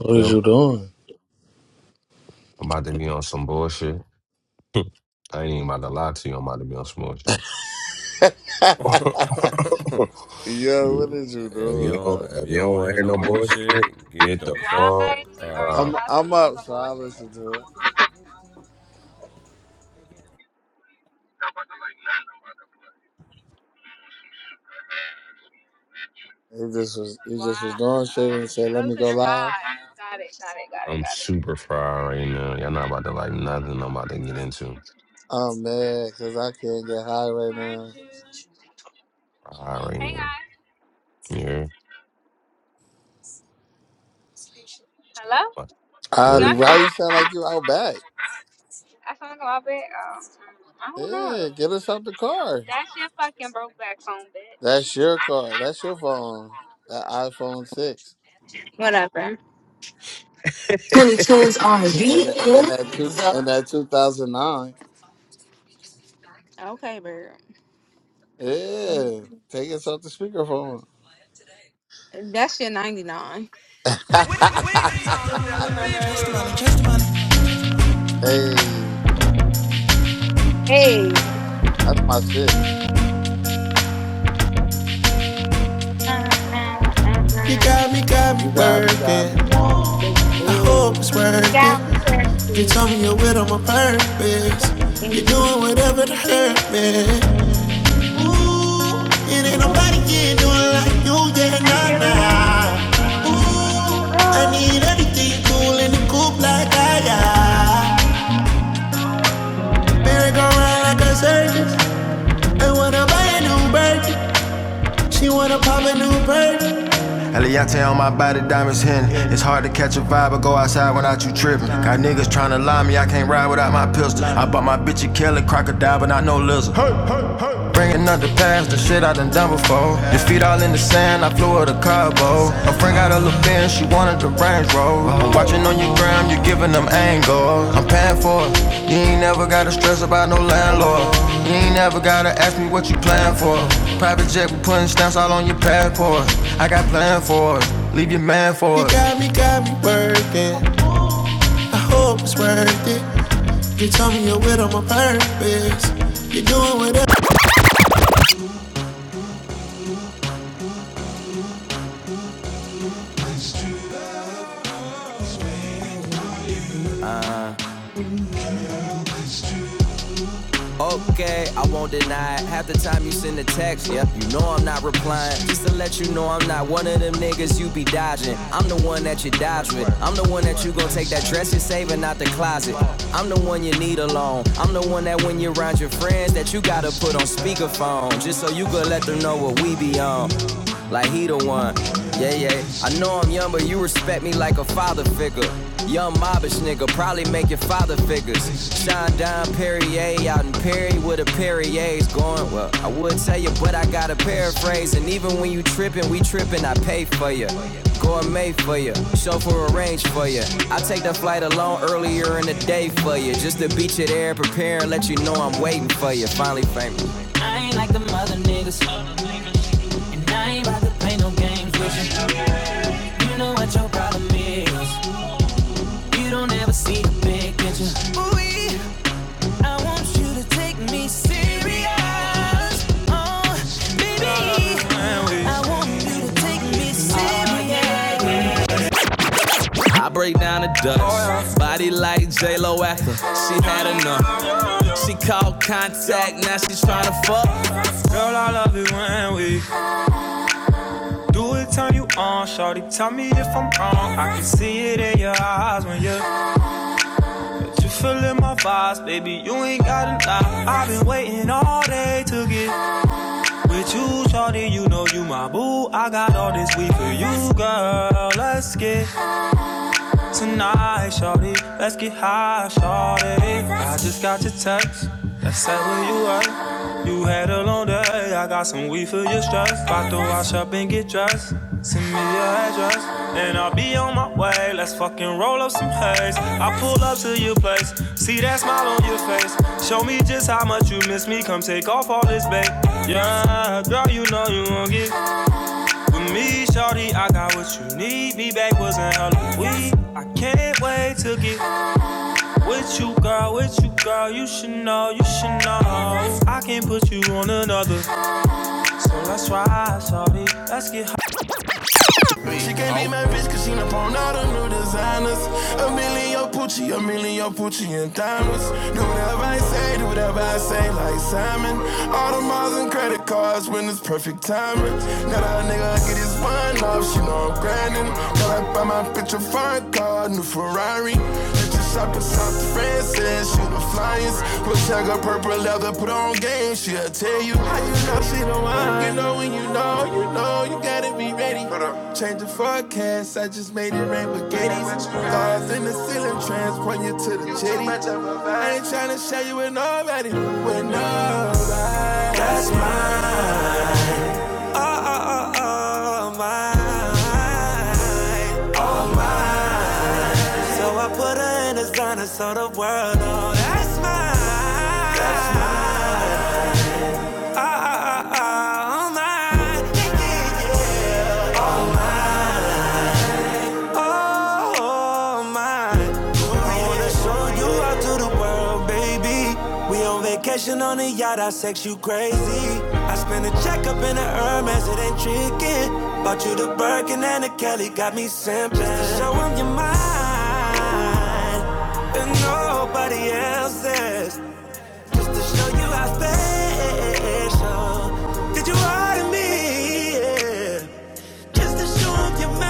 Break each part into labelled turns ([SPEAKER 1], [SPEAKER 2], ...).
[SPEAKER 1] What
[SPEAKER 2] You
[SPEAKER 1] is you
[SPEAKER 2] know,
[SPEAKER 1] doing?
[SPEAKER 2] I'm about to be on some bullshit. I ain't even about to lie to you. I'm about to be on some bullshit.
[SPEAKER 1] Yo, what is you
[SPEAKER 2] if
[SPEAKER 1] doing,
[SPEAKER 2] you don't,
[SPEAKER 1] bro?
[SPEAKER 2] if you don't want to hear no bullshit, get
[SPEAKER 3] And
[SPEAKER 2] the
[SPEAKER 3] why
[SPEAKER 2] fuck
[SPEAKER 3] are you
[SPEAKER 1] I'm
[SPEAKER 2] out.
[SPEAKER 3] guys
[SPEAKER 1] I'm
[SPEAKER 3] on
[SPEAKER 1] up,
[SPEAKER 3] some
[SPEAKER 1] so I
[SPEAKER 3] bullshit?
[SPEAKER 1] listened to it. He just was he
[SPEAKER 3] Why?
[SPEAKER 1] just was doing shit and said,
[SPEAKER 3] Um,
[SPEAKER 1] "Let
[SPEAKER 3] oh,
[SPEAKER 1] me
[SPEAKER 3] so
[SPEAKER 1] go
[SPEAKER 3] you're
[SPEAKER 1] live."
[SPEAKER 3] high. Got it, got it, got it,
[SPEAKER 2] I'm
[SPEAKER 3] got it.
[SPEAKER 2] super fried right now. Y'all not about to like nothing I'm about to get into.
[SPEAKER 1] I'm mad because I can't get high right
[SPEAKER 3] Heard
[SPEAKER 1] now.
[SPEAKER 3] you.
[SPEAKER 2] Fried right
[SPEAKER 3] Hey
[SPEAKER 2] now.
[SPEAKER 3] guys.
[SPEAKER 2] Yeah.
[SPEAKER 3] Hello?
[SPEAKER 1] Adi,
[SPEAKER 2] You're
[SPEAKER 3] Y'all hear
[SPEAKER 1] why you
[SPEAKER 3] me?
[SPEAKER 1] sound like you out back?
[SPEAKER 3] I sound like a little bit. Um, I don't know.
[SPEAKER 1] Yeah, get us out the car.
[SPEAKER 3] That's your fucking broke back phone,
[SPEAKER 1] That's
[SPEAKER 3] bitch.
[SPEAKER 1] your car. That's your phone. That iPhone six
[SPEAKER 3] Whatever. 2010s R&B.
[SPEAKER 1] and that, and
[SPEAKER 3] yeah.
[SPEAKER 1] that two and that two thousand nine.
[SPEAKER 3] Okay, bird.
[SPEAKER 1] Yeah, take us off the speakerphone.
[SPEAKER 3] That's your 99.
[SPEAKER 1] hey.
[SPEAKER 3] Hey.
[SPEAKER 1] That's my shit.
[SPEAKER 3] Uh, uh, uh,
[SPEAKER 4] You
[SPEAKER 3] uh.
[SPEAKER 4] got me, got me
[SPEAKER 1] You got me, got me.
[SPEAKER 4] working.
[SPEAKER 3] Don't do
[SPEAKER 4] I
[SPEAKER 3] it.
[SPEAKER 4] hope
[SPEAKER 1] Ooh,
[SPEAKER 4] it's worth it.
[SPEAKER 3] Got
[SPEAKER 4] You
[SPEAKER 3] me
[SPEAKER 4] told me you're with on my purpose. You're
[SPEAKER 3] dancing.
[SPEAKER 4] doing whatever to hurt me. Ooh, it ain't nobody can do it like you, yeah,
[SPEAKER 3] Thank
[SPEAKER 4] nah,
[SPEAKER 3] you.
[SPEAKER 4] nah. Ooh, I need everything cool in the coupe like I got. Better go around like a circus. I wanna buy a new birthday. She wanna pop a new birthday. Eliante on my body, diamonds hidden. It's hard to catch a vibe or go outside without you tripping. Got niggas tryna lie me, I can't ride without my pistol. I bought my bitch a Kelly crocodile, but not no lizard. Bringing up the past, the shit I done done before. Your feet all in the sand, I flew her to Cabo. Her friend got a little bin, she wanted the Range Rover. I'm watching on your gram, you are giving them angles. I'm paying for it. You ain't never gotta stress about no landlord. You ain't never gotta ask me what you plan for. Private jet, we putting stamps all on your passport. I got plan for it. Leave your man for it. You got me, got me working. I hope it's worth it. You told me you're with on my purpose. You're doing whatever. Okay, I won't deny it. Half the time you send a text, yeah, you know I'm not replying. Just to let you know I'm not one of them niggas you be dodging. I'm the one that you dodge with. I'm the one that you gon' take that dress you're saving out the closet. I'm the one you need alone. I'm the one that when you're around your friends that you gotta put on speakerphone. Just so you could let them know what we be on like he the one. Yeah, yeah. I know I'm young, but you respect me like a father figure. Young mobbish nigga, probably make your father figures. Shine down Perrier out in Perry with a Perrier's going. Well, I would tell you, but I gotta paraphrase. And even when you trippin', we trippin', I pay for you. Gourmet for you, chauffeur arranged for you. I take the flight alone earlier in the day for you. Just to beat you there, prepare and let you know I'm waiting for you. Finally famous. I ain't like the other niggas. I ain't about to play no games with you. You know what your problem is. You don't ever see the big picture. Ooh, I want you to take me serious. Oh, baby. I want you to take me serious. I break down the dust. Body like J Lo after she had enough. She called contact, now she's tryna fuck. Girl, I love it when we Do it, turn you on, shorty. Tell me if I'm wrong. I can see it in your eyes when you're you feeling my vibes, baby. You ain't gotta lie. I've been waiting all day to get with you, shorty. You know you my boo. I got all this week for you, girl. Let's get tonight, shorty. Let's get high, shorty. I just got your text that said where you at. You had a long day. I got some weed for your stress. About to wash up and get dressed. Send me your address and I'll be on my way. Let's fucking roll up some haze. I pull up to your place. See that smile on your face. Show me just how much you miss me. Come take off all this, babe. Yeah, girl, you know you won't get with me, shorty, I got what you need. Me back was an hella weed. I can't wait to get with you, girl, with you, girl. You should know, you should know. I can not put you on another. So let's ride, shorty. Let's get high. She can't oh. be my bitch cause she done pawned all the new designers. A million Pucci, a million Pucci and diamonds. Do whatever I say, do whatever I say, like Simon. All the miles and credit cards when it's perfect timing. Got a nigga get his one off, she know I'm grinding. Got I buy my bitch a fine car, new Ferrari. Shopping South France and shooting flyers. With tag her purple leather, put on game. She'll tell you how you know she don't mind. You know when you know, you know you gotta be ready. Change the forecast, I just made it rain spaghettis. Stars in the ceiling, transport you to the jetty. I ain't tryna share you with nobody, with nobody. That's mine. Oh, oh, oh, mine. Oh, no, that's mine. That's mine. all night. Oh my. I wanna show you out to the world, baby. We on vacation on a yacht, I sex you crazy. I spent a check up in the Hermes, it ain't tricking. Bought you the Birkin and the Kelly, got me simping. Just to show show 'em your mind, and nobody else's. Just to show you how special. Did you order me? Yeah. Just to show 'em you're mine.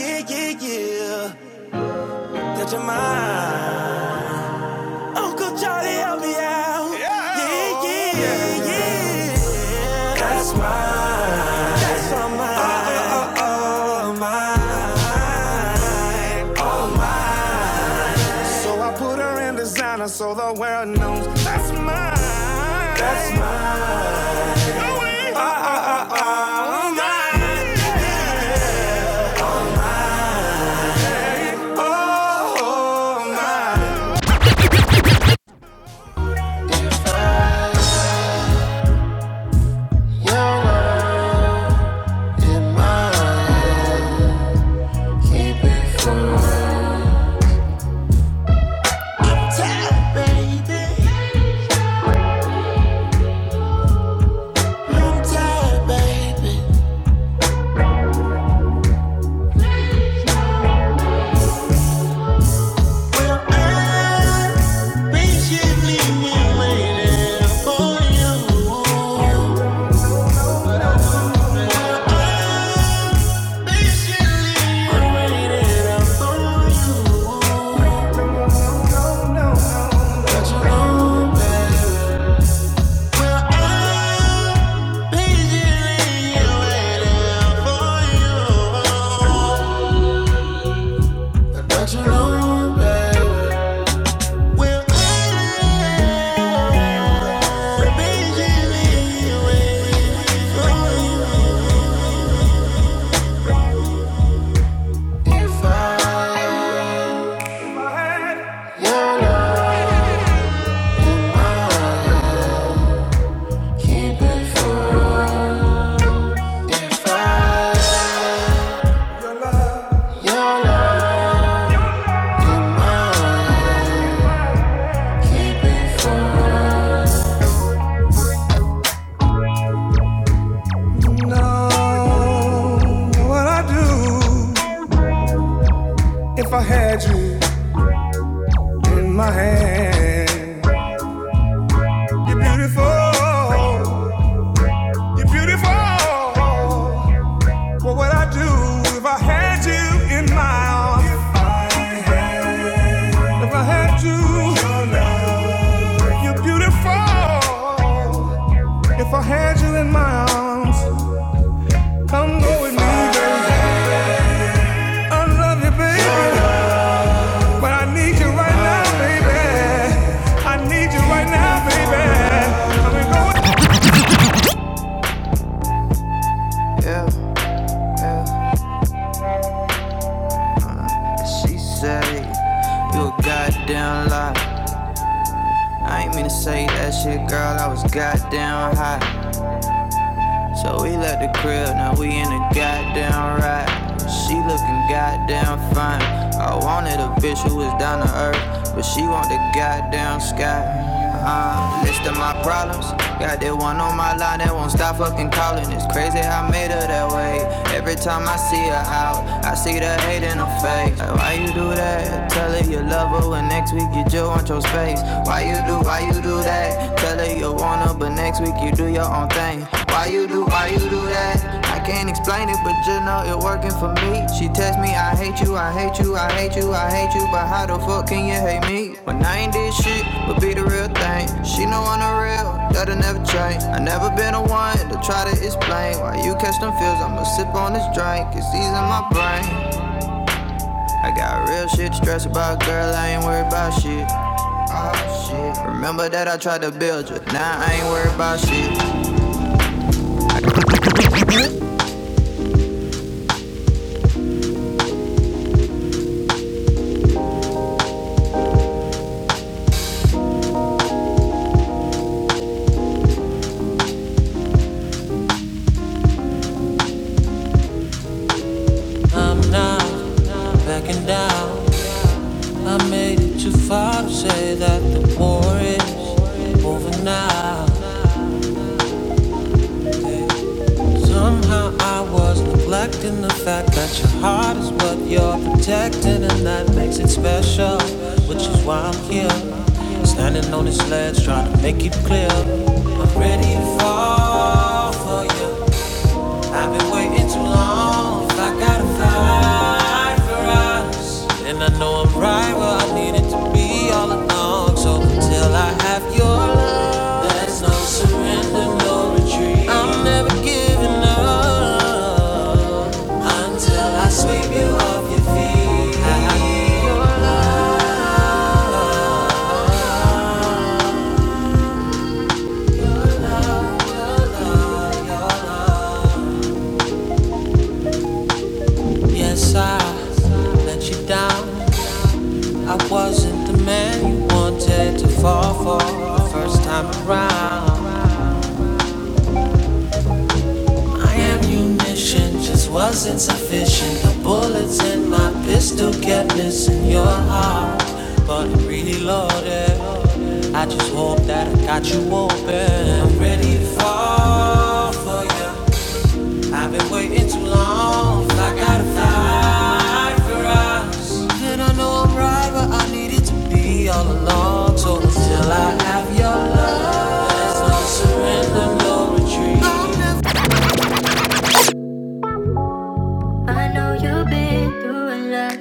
[SPEAKER 4] Yeah, yeah, yeah. That you're mine. Uncle Charlie, help me out. Yeah, yeah, yeah. yeah. That's mine. Oh, So I put her in designer so the world knows. That's mine. That's mine. Oh, Ah, ah, ah, ah. oh, mine. Oh, oh, mine. Your love in mine. Keep it fun. Tired, baby. I'm tired, baby. Well, I patiently been waiting for you. Patiently been waiting. Oh, my eyes. Patiently waiting for you. do you know, babe? Well, I- if I keep it fun, Know what I would do if I had you in my hand? You're beautiful, you're beautiful. What would I do if I had you in my arms? If I had you, you're beautiful. If I had you in my arms, come go with me, baby. I love you, baby. But I need you right now, baby. I need you right now, baby. Yeah, yeah. She say you a goddamn lie. I ain't mean to say that shit, girl. I was goddamn high. So we left the crib, now we in a goddamn ride. She looking goddamn fine. I wanted a bitch who was down to earth, but she want the goddamn sky. Uh, list of my problems. Got that one on my line that won't stop fucking calling. It's crazy how I made her that way. Every time I see her out, I see the hate in her face. Like, why you do that? Tell her you love her, and next week you just want your space. Why you do, why you do that? Tell her you wanna, but next week you do your own thing. Why you do, why you do that? I can't explain it, but you know it working for me. She text me, I hate you, I hate you, I hate you, I hate you, but how the fuck can you hate me? When I ain't did shit, but be the real thing. She know I'm the real, that'll never change. I never been the one to try to explain why you catch them feels. I'ma sip on this drink, it's easing my brain. I got real shit to stress about, girl. I ain't worried about shit. Oh, shit. Remember that I tried to build you. Now I ain't worried about shit. I'm not backing down. I made it too far to say that the war is over now. Somehow I was neglecting the fact that your heart is what you're protecting, and that makes it special, which is why I'm here. Standing on this ledge, trying to make it clear. I'm ready to fall for you. I've been waiting too long. I gotta fight for us. And I know I'm right where I needed to be all along. So until I have your love, there's no surrender, no retreat. I'm never giving up until I sweep you off your feet. I, Yes, I let you down. I wasn't the man you wanted to fall for the first time around. My ammunition just wasn't sufficient. The bullets in my pistol kept missing your heart, but it really loaded. I just hope that I got you open. I'm ready to fall for you. I've been waiting too long. I gotta fight for us. And I know I'm right, but I needed to be all alone. So I. I know you've been through a lot,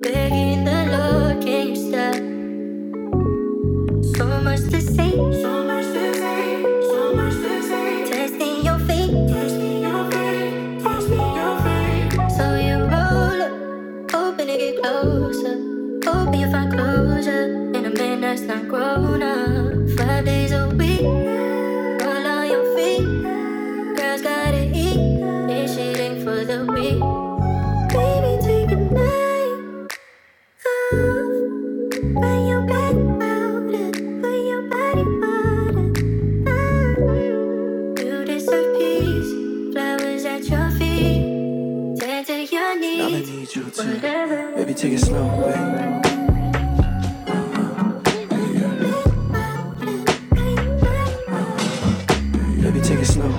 [SPEAKER 4] begging the Lord, can you stop? So much to see. Testing your feet. So you roll up, hoping to get closer. Hoping you find closure in a man that's not grown up. Five days a week, all on your feet. Girls gotta eat, and shit ain't for the weak. Baby, take a night off. Put your back out it, put your body out it. Mm-mm. You flowers at your feet, tend to your Now I needs. need you to Baby, take it slow. Baby, take it slow.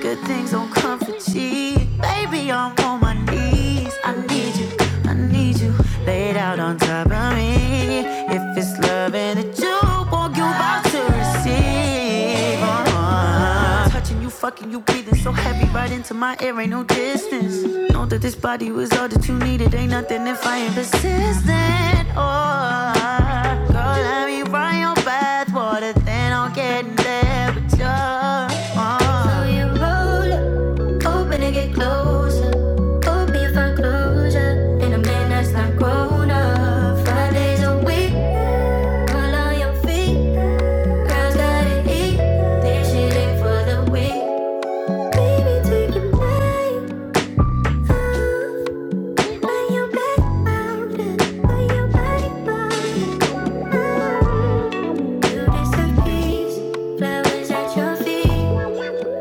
[SPEAKER 4] Good things don't come for cheap. Baby, I'm on my knees. I need you, I need you. Laid out on top of me. If it's love and it you want, you about to receive. uh-huh uh-huh. Touching you, fucking you, breathing so heavy right into my air, ain't no distance. Know that this body was all that you needed, ain't nothing if I ain't persistent. Oh, girl, let me run your bath water, then I'll get in there with you. Oh. So you roll up. Open to get closer. Hope you find closure. In a man that's not grown up. Five days a week. All on your feet. Girls gotta eat. This shit ain't for the weak. Baby, take your mind off. Lay your back down. Lay your body down. You deserve peace. Flowers at your feet.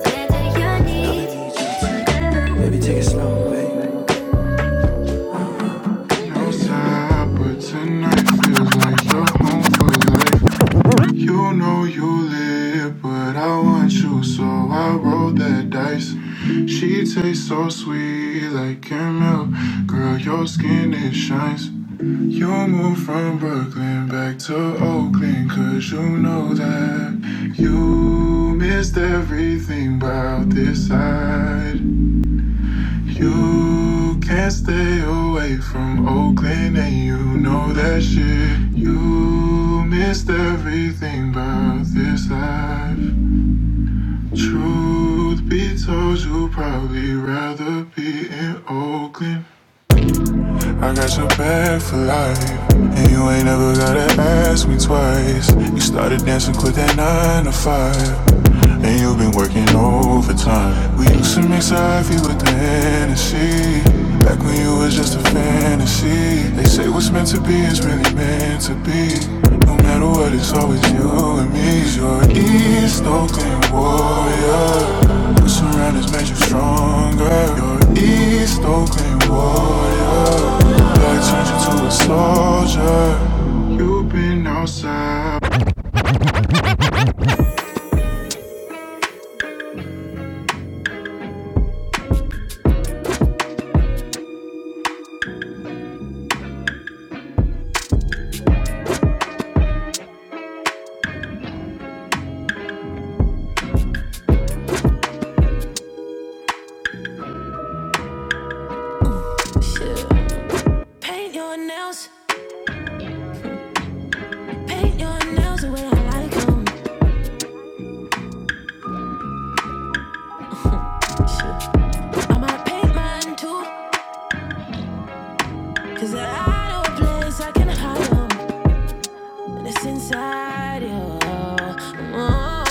[SPEAKER 4] Tend to your needs. Whatever outside, but tonight feels like you're home for life. You know you live, but I want you, so I rolled that dice. She tastes so sweet, like milk. Girl, your skin it shines. You moved from Brooklyn back to Oakland, cause you know that you missed everything about this side. You can't stay away from Oakland and you know that shit. You missed everything about this life. Truth be told, you'd probably rather be in Oakland. I got your back for life. And you ain't never gotta ask me twice. You started dancing, quit that nine to five. And you've been working overtime. We used to mix IV with the Hennessy. Back when you was just a fantasy. They say what's meant to be is really meant to be. No matter what, it's always you and me. You're East Oakland warrior. What's around has made you stronger. You're East Oakland warrior. Light turns you to a soldier. You've been outside. Shit. Paint your nails, paint your nails the way I like 'em. Shit. I might paint mine too, 'cause I know a place I can hide 'em. and it's inside you. Oh,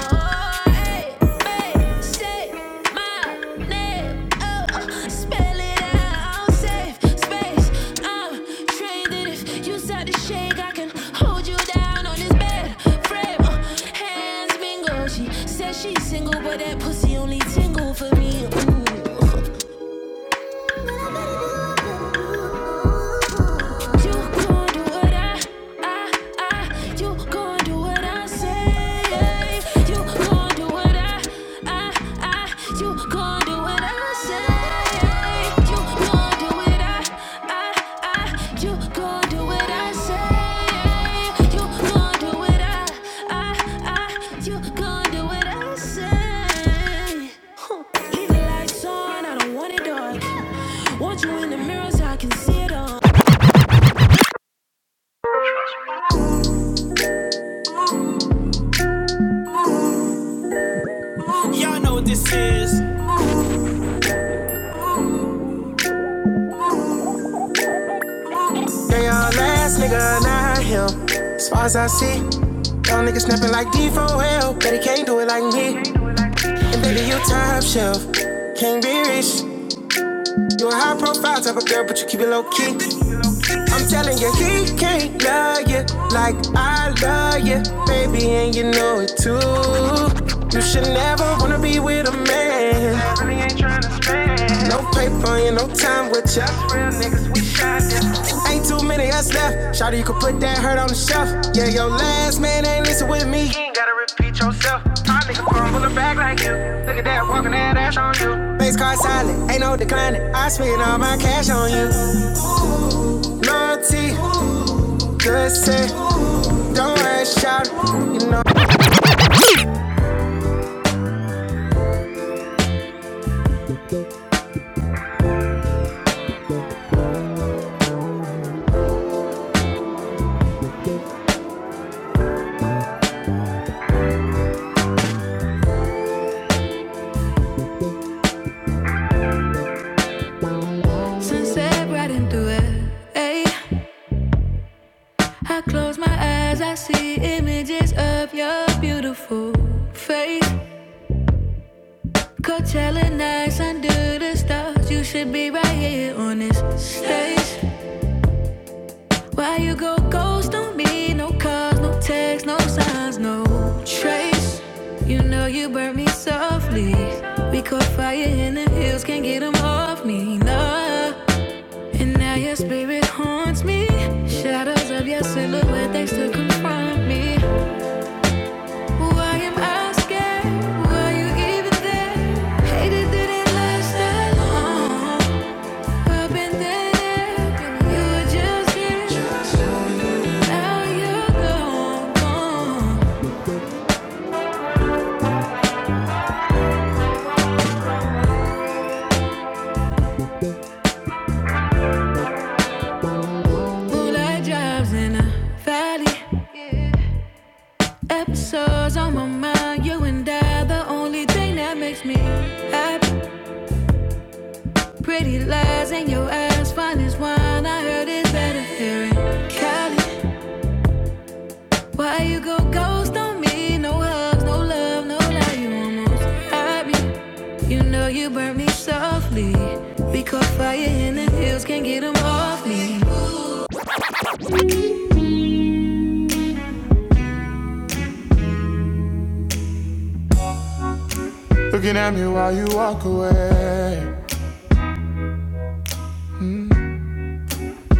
[SPEAKER 4] hey, babe, say my name, oh, spell it out, safe space. I'm trained that if you start to shake, I can hold you down on this bed frame. Uh, hands mingle, she says she's single, but that pussy only tingle for me. Ooh. You gon' do what I, I, I. You gon' do what I say. You gon' do what I, I, I. You gon' do what I say. You gon' do what I, I, I. You gon' do what I say. You gon' do what I, I, I. You gon' do what I say. Huh. Leave the lights on. I don't want it dark. Want you in the mirror so I can see it all. Y'all know what this is. They all last nigga, not him. As far as I see, y'all niggas snapping like D4L. But he can't do it like me. And baby, you top shelf. Can't be rich. You a high profile type of girl, but you keep it low key. I'm telling you, he can't love you like I yeah, baby, and you know it too. You should never be with a man. No paper and no time with ya. Ain't too many us left. Shawty, you could put that hurt on the shelf. Yeah, your last man ain't listen with me. Face card silent, ain't no declining. I spend all my cash on you. Loyalty, good set. Don't worry, shout. You know. Sunset riding through it. Hey, I close my eyes, I see images of your beautiful face. Coachella nights under the stars. You should be right here on this stage. Why you go ghost on me? No calls, no texts, no signs, no trace. You know you burnt me softly. We caught fire in the hills, can't get 'em off me, no. And now your spirit haunts me. Shadows of your silhouette, they still confront me. Why am I scared? Why you even there? Hated that it last that long. I've been there, you were just here. Now you're gone, gone. Moonlight drives in a valley. Episodes on my mind, you and I, the only thing that makes me happy. Pretty lies in your eyes, fine as wine. I heard it's better here Cali. Why you go ghost on me? No hugs, no love, no lie. You almost had me. You know you burnt me softly. We caught fire in the hills, can't get 'em off me. Looking at me while you walk away.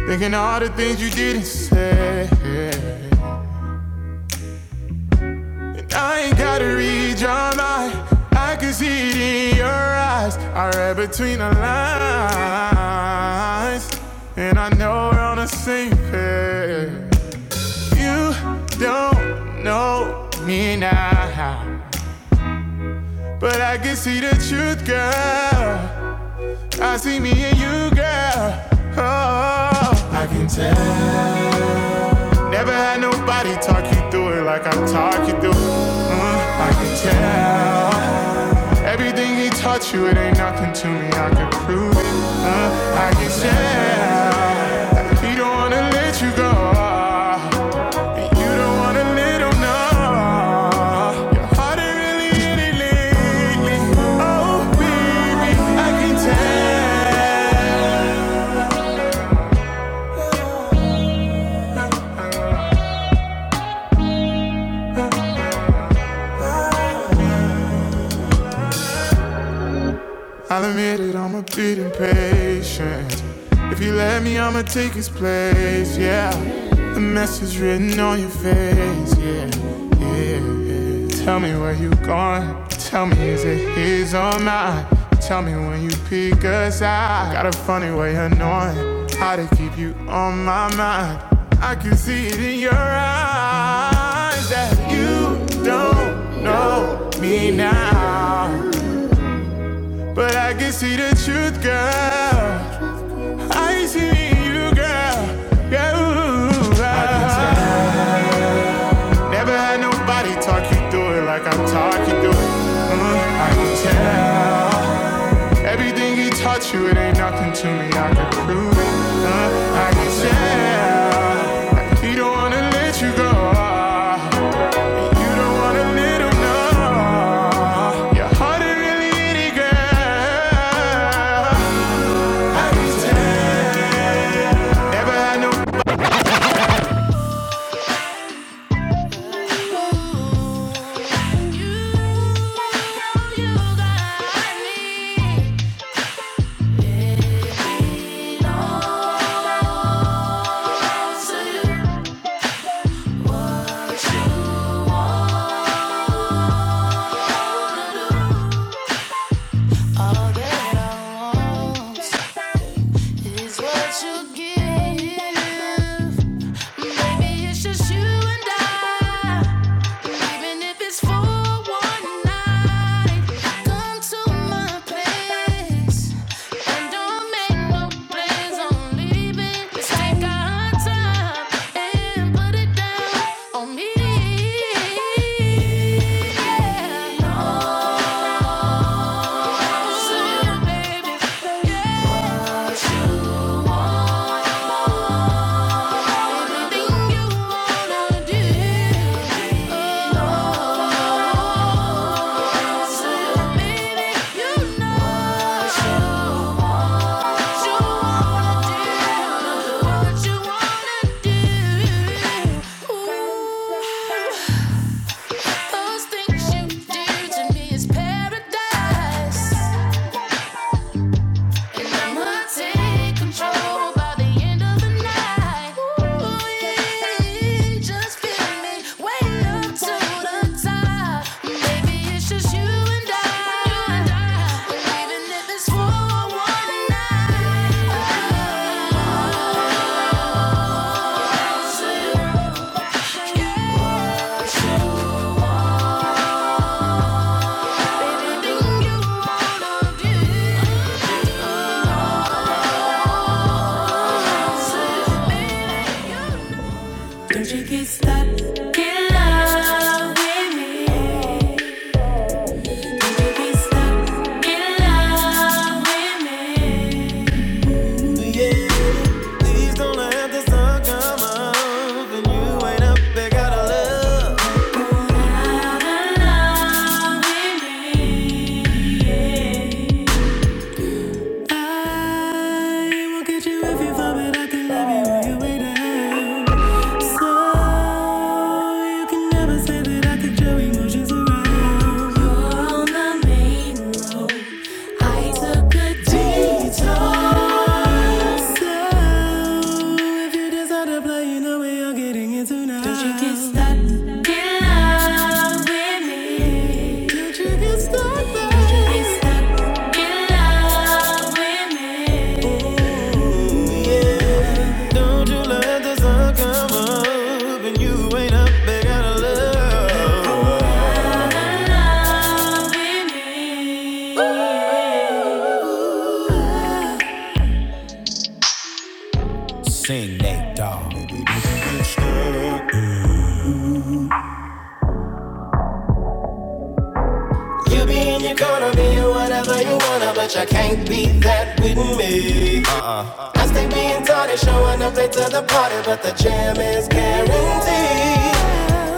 [SPEAKER 4] Thinking all the things you didn't say. And I ain't gotta read your mind. I can see it in your eyes. I read between the lines. And I know we're on the same page. You don't know me now. But I can see the truth, girl. I see me in you, girl. Oh, I can tell. Never had nobody talk you through it like I talk you through it. Mm, I can tell. Everything he taught you, it ain't nothing to me. I can prove it. Mm, I can tell. He don't wanna let you go. And you don't wanna let him know. Your heart ain't really in it lately. Oh, babe, I can tell. I'll admit it, I'm a bit impatient. If you let me, I'ma take his place, yeah. The message written on your face, yeah, yeah, yeah. Tell me where you going. Tell me, is it his or mine? Tell me when you peek us out. Got a funny way of knowing how to keep you on my mind. I can see it in your eyes that you don't know me now. But I can see the truth, girl. I see you, girl. Girl, I can tell. never had nobody talk you through it like I talk you through it. Mm, I can tell. Everything he taught you, it ain't nothing to me. I can prove it. Uh, I can tell. He don't wanna let you go. you don't wanna let him know. Your heart ain't really in girl. Never had no What you give Maybe it's just you and I. Even if it's for one night, come to my place and don't make no plans on leaving. let take our time and put it down on me. Yeah. No, baby, baby, Yeah. what you want. Those things you do to me is paradise. Don't you get stuck in love with me? I will get you if you vomit. I can love you while you wait down. Stuck in love with me. You be in your corner, be you whatever you wanna, but you can't be that with me. I stay being tardy, showing up late to the party, but the jam is guaranteed.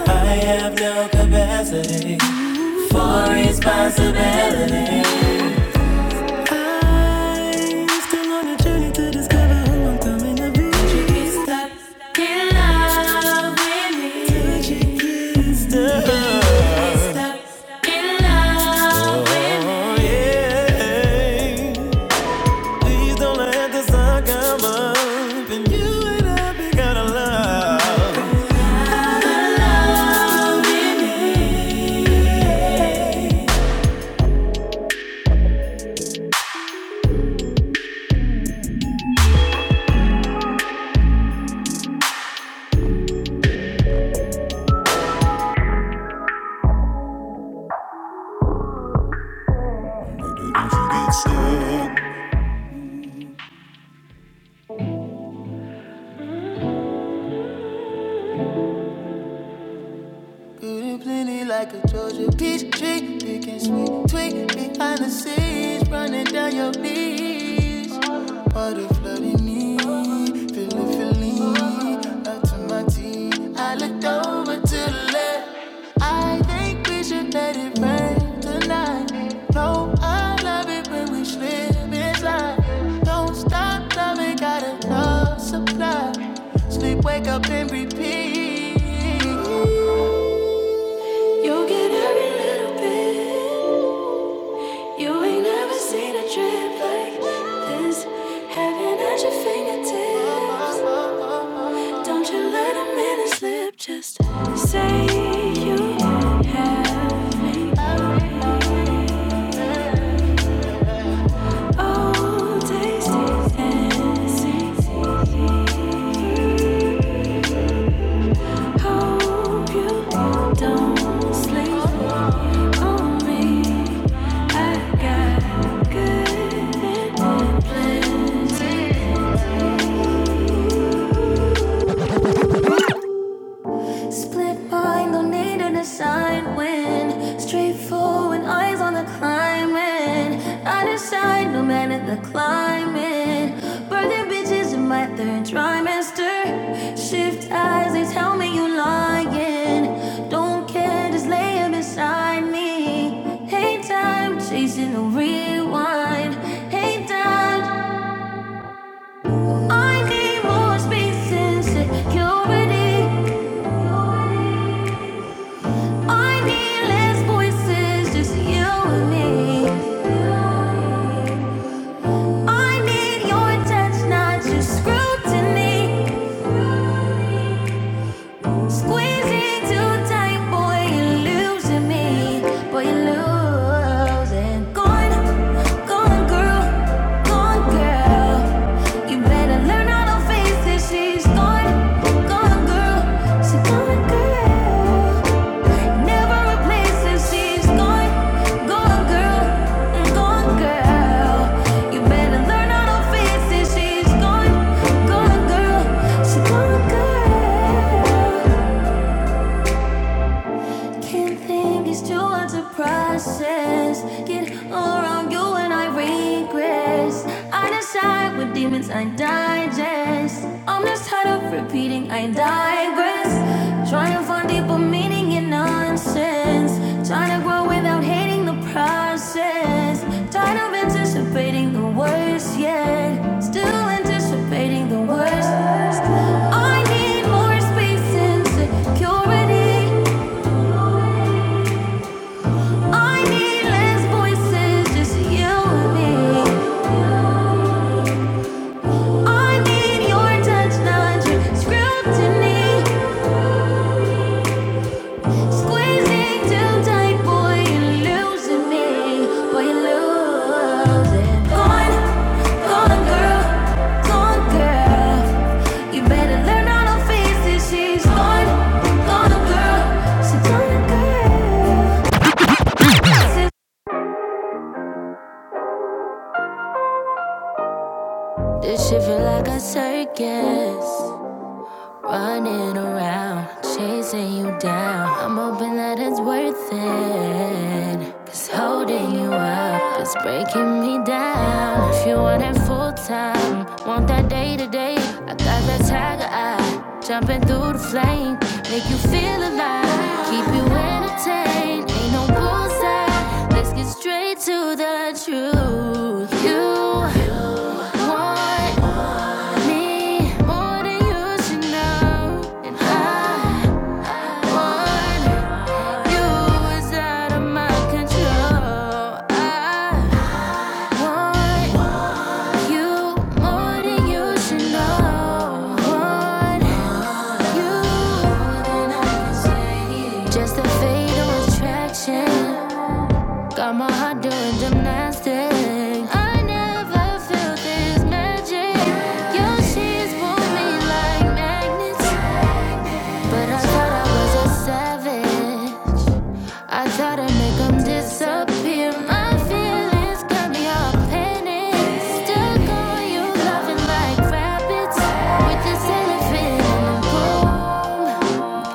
[SPEAKER 4] I have no capacity for responsibility. To discover so many things that in love with me. in love. Please don't let the sun come up. And you and I, we gotta love. My love. Beauty plenty like a Georgia peach tree. picking and sweet tweak behind the scenes, running down your knees. Water flooding me, feeling feeling up to my teeth. I looked over to the left. I think we should let it rain tonight. No, I love it when we slip inside. Don't stop loving, got enough supply. Sleep, wake up and repeat. You get every little bit. You ain't never seen a trip like this. Heaven at your fingertips. Don't you let a minute slip. Just say you have me. Oh, tasty, fancy. Hope you don't sleep on me. Split mind, no need an aside win. Straightforward, eyes on the climbing. I decide, no matter the climbing. Birthing bitches in my third trimester. Shift eyes, they tell me you lying. Don't care, just laying beside me. Hey, time, chasing a rewind. Hey, time. I need more space and security. I need less voices, just you and me. I need your touch, not your scrutiny. Squeezing too tight, boy, you're losing me. Boy, you're losing. Gone, gone, girl, gone, girl. You better learn how to face it. She's gone, gone, girl. She's gone, girl. Never replace it. She's gone, gone, girl, gone, girl. You better learn how to face it. She's gone, gone, girl. She's gone, girl. Second thing is too hard to process. Get all around you and I regress. I decide with demons I digest. I'm just tired of repeating I digress. Trying to find deeper meaning in nonsense. Trying to grow without hating the process. Tired of anticipating the worst yet. Still anticipating the worst. I need more space and security. I need less voices, just you and me. I need your touch, not your scrutiny. Squeezing too tight, boy, you're losing me. Boy, you're losing. Gone, gone, girl, gone, girl. You better learn how to face it. She's gone, gone, girl. She's gone, girl. This shit feel like a circus. Running around, chasing you down. I'm hoping that it's worth it. 'Cause holding you up is breaking me down. If you want it full time, want that day to day. I got that tiger eye, jumping through the flame. Make you feel alive, keep you entertained. Ain't no bullseye to the truth. You want me more than you should know. And I want you is out of my control. I want you more than you should know. Want just a fatal attraction. Got my heart doing gymnastics. I never felt this magic. Your sheets pull me like magnets. But I thought I was a savage. I thought I'd make 'em disappear. My feelings got me all panic. Stuck on you, loving like rabbits. With this elephant in the room.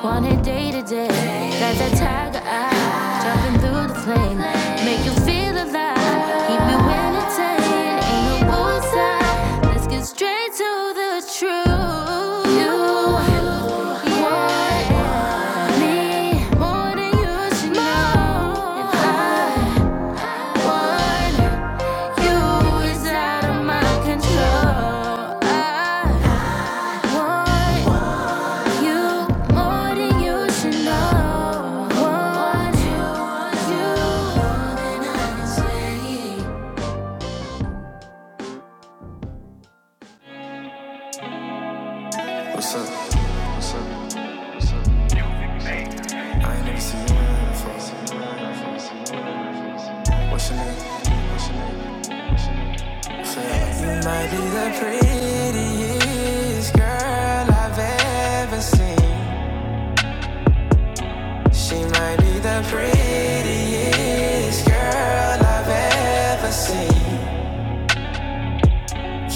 [SPEAKER 4] Want it day to day. Got that tiger eye. Jumping through the flame. Make you feel alive. Keep you entertained. Ain't no bullseye. Let's get straight to the truth. You want me more than you should know. I want you is out of my control. I want What's up? What's up? What's up? I ain't never seen you before. What's your name? What's your name? What's the prettiest girl I've ever seen. She might be the prettiest girl I've ever seen.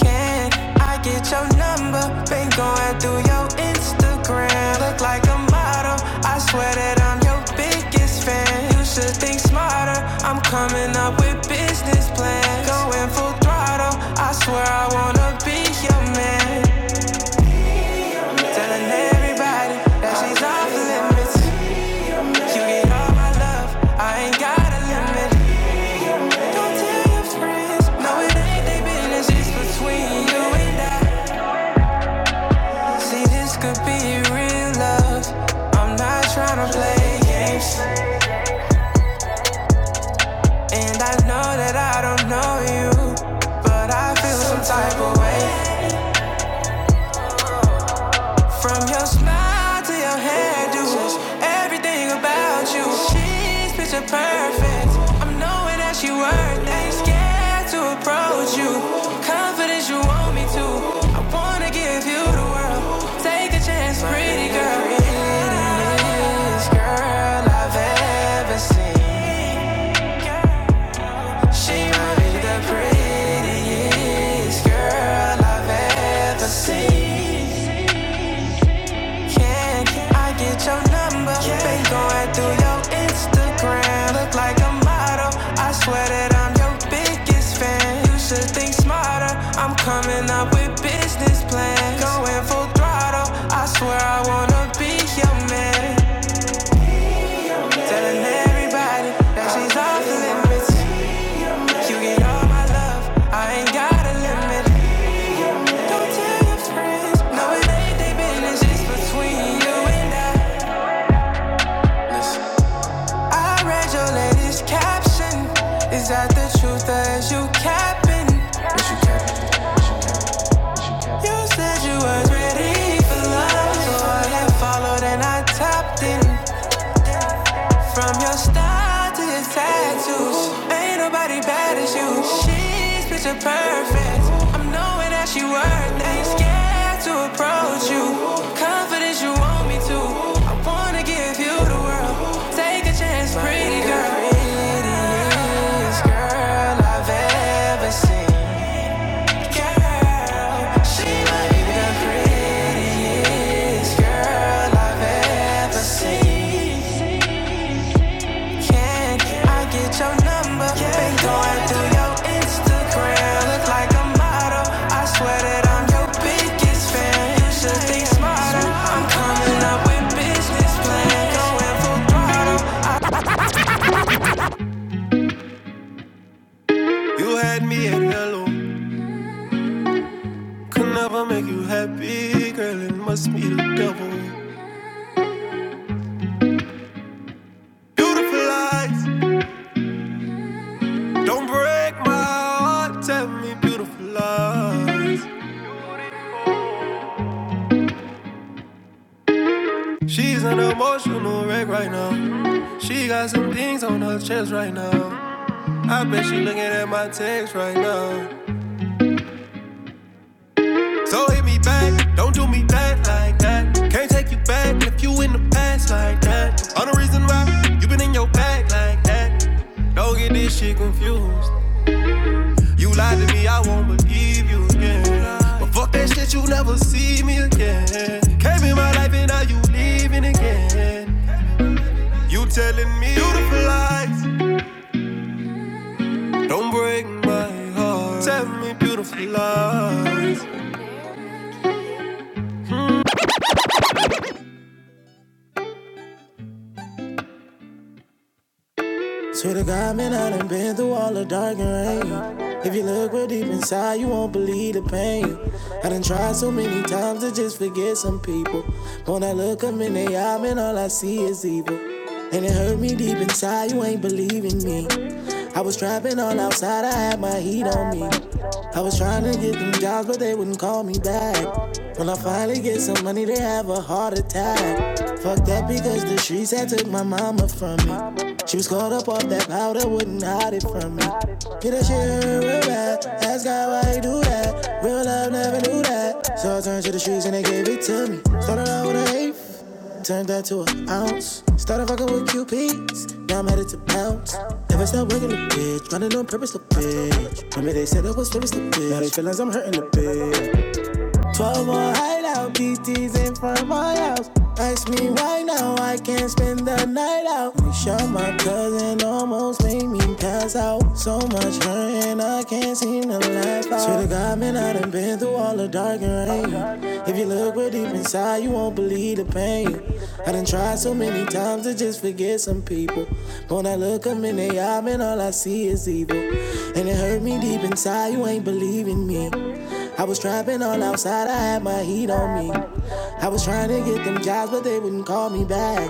[SPEAKER 4] Can I get your number? Been going through your Instagram. Look like a model. I swear that I'm your biggest fan. You should think smarter. I'm coming up with business plans. Going full throttle. I swear I wanna be your man. Telling everybody that she's off limits. You get all my love. I ain't got a limit. Don't tell your friends. No, it ain't their business. It's between you and I. See, this could be real love. I'm not trying to play games. And I know that I don't know you, but I feel some type of way. From your smile to your hairdo, everything about you. She's picture perfect. I'm knowing that she worth it. Ain't scared to approach you. Confidence you want me to. I wanna give you the world. Take a chance, pretty girl. You're the prettiest girl I've ever seen. She might be the prettiest girl I've ever seen. Can I get your number? Been going through your Instagram. Look like a model. I swear that I'm your biggest fan. You should think smarter. I'm coming up with business plans. Going full throttle. I swear I wanna be your man. Telling everybody that she's off limits. You get all my love. I ain't got a limit. Don't tell your friends. No, it ain't their business. It's between you and I. I read your latest caption. Is that the truth or is you capping? You said you was ready for love, so I had followed and I tapped in. From your style to your tattoos, ain't nobody bad as you. She's picture perfect. I'm knowing that she worth. it. Ain't scared to approach you. Confidence you want me to. I wanna give you the world. Take a chance, pretty girl. Prettiest girl I've ever seen. ever seen. can I get your number? Been going through your Instagram. Look like a model. I swear that I'm your biggest fan. You should think smarter. I'm coming up with business plans. Going full throttle. You had me at hello. Could never make you happy, girl. It must be the devil. Beautiful eyes, don't break my heart. Tell me beautiful lies. She's an emotional wreck right now. She got some things on her chest right now. I bet she looking at my text right now. So hit me back, don't do me back like that. Can't take you back if you in the past like that. On the reason why you been in your bag like that. Don't get this shit confused. You lied to me, I won't believe you again. But fuck that shit, you never see me again. Came in my life and now you leaving again. You telling me beautiful lies. Don't break my heart. Tell me beautiful lies. Swear to God, man, I done been through all the dark and rain. If you look real deep inside, you won't believe the pain. I done tried so many times to just forget some people. But when I look 'em in the eye, man, all I see is evil. And it hurt me deep inside, you ain't believing me. I was trapping all outside, I had my heat on me. I was trying to get them jobs, but they wouldn't call me back. When I finally get some money, they have a heart attack. Fucked up because the streets had took my mama from me. She was caught up off that powder, wouldn't hide it from me. Get that shit real bad. Ask God why he do that. Real love never knew that. So I turned to the streets and they gave it to me. Started out with a hate. Turned that to an ounce. Started fucking with QPs. Now I'm headed to bounce. Never stop working the bitch. Running on purpose, the bitch. Remember they said I was serious, the bitch. Now they feel like I'm hurting the bitch. Twelve more hideout, BTs in front of my house. Ask me why now, I can't spend the night out. We shot my cousin, almost made me pass out. So much hurt and I can't seem to laugh out. Swear to God, man, I done been through all the dark and rain. If you look way deep inside, you won't believe the pain. I done tried so many times to just forget some people. But when I look them in the eye, man, all I see is evil. And it hurt me deep inside, you ain't believing me. I was trapping all outside, I had my heat on me. I was trying to get them jobs, but they wouldn't call me back.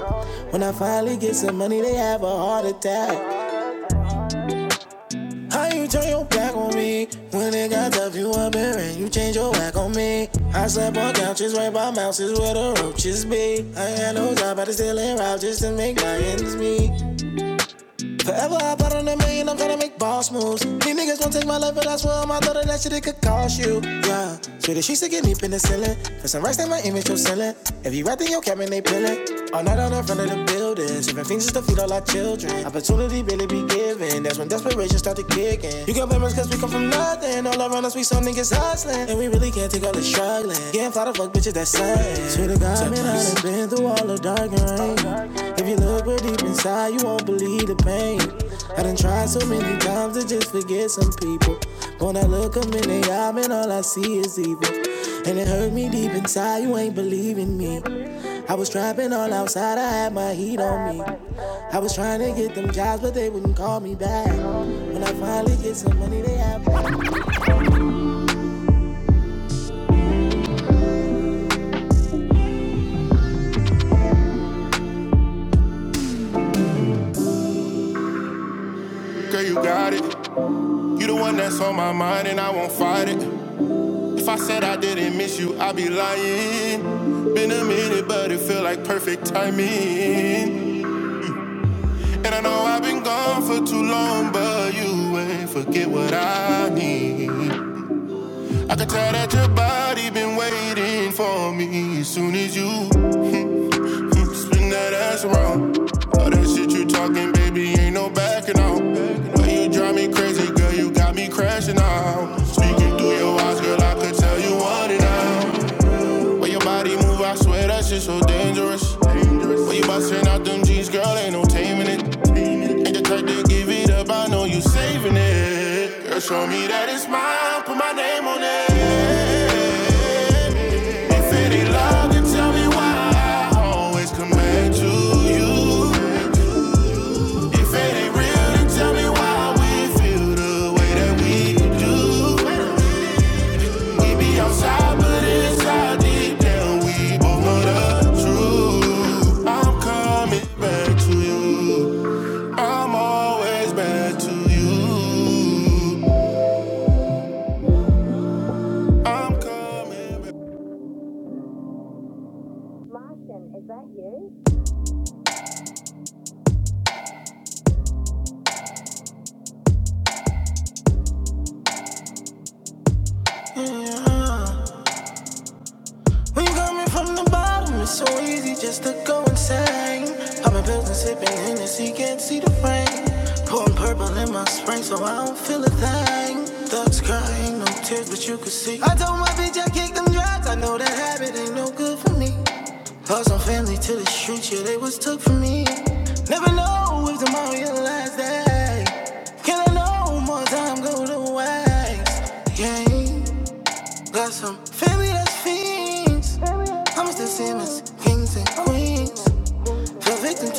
[SPEAKER 4] When I finally get some money, they have a heart attack. How you turn your back on me? When it got tough, you up here and you change your back on me. I slept on couches right by mouses where the roaches be. I had no job, but I still in route just to make my ends meet. Forever I bought on a million, I'm tryna make boss moves. These niggas won't take my life, but I swear on my daughter that shit it could cost you. Yeah, shit, she sick and deep in the ceiling. For some rest in my image, you're selling. If you right in your cabin, they peeling. All night on the front of the building, Even things just to feed all our children. Opportunity really be given. That's when desperation start to kick in. You can blame us cause we come from nothing. All around us, we some niggas hustling, and we really can't take all the struggling. Can't fly the fuck bitches that slang. Swear to God, man, I done been through all the dark and rain. If you look real deep inside, you won't believe the pain. I done tried so many times to just forget some people. When I look 'em in the eye, man, all I see is evil. And it hurt me deep inside, you ain't believing me. I was trapping all outside, I had my heat on me. I was trying to get them jobs, but they wouldn't call me back. When I finally get some money, they have Okay, you got it. You the one that's on my mind and I won't fight it. If I said I didn't miss you, I'd be lying. Been a minute, but it feel like perfect timing. And I know I've been gone for too long, but you ain't forget what I need. I can tell that your body been waiting for me as soon as you Mm, Spin that ass around. All that shit you talking, baby, ain't no backing out. But you drive me crazy, girl, you got me crashing out. Speaking through your eyes, girl, I could tell you want it now. Way your body move, I swear that shit's so dangerous. Way you bustin' out them jeans, girl, ain't no taming it. Ain't the type to give it up, I know you saving it. Girl, show me that it's mine, put my name on it. If it ain't love, then tell me why. I always come back to you. If it ain't real, then tell me why we feel the way that we do. We be outside, but inside deep down we both know the truth. I'm coming back to you. I'm always back to you. I'm coming back. Yeah. When you coming from the bottom, it's so easy just to go insane. I've been building, sipping Hennessy, can't see the rain. Pouring purple in my spring, so I don't feel a thing. Thugs crying, no tears, but you can see. I told my bitch I kicked them drugs, I know that habit ain't no good for me. Lost my family to the streets, yeah, they was took from me. Never know if tomorrow is the last day. Can I know more time go to waste? Yeah, got some family that's fiends. The Simmons, kings and queens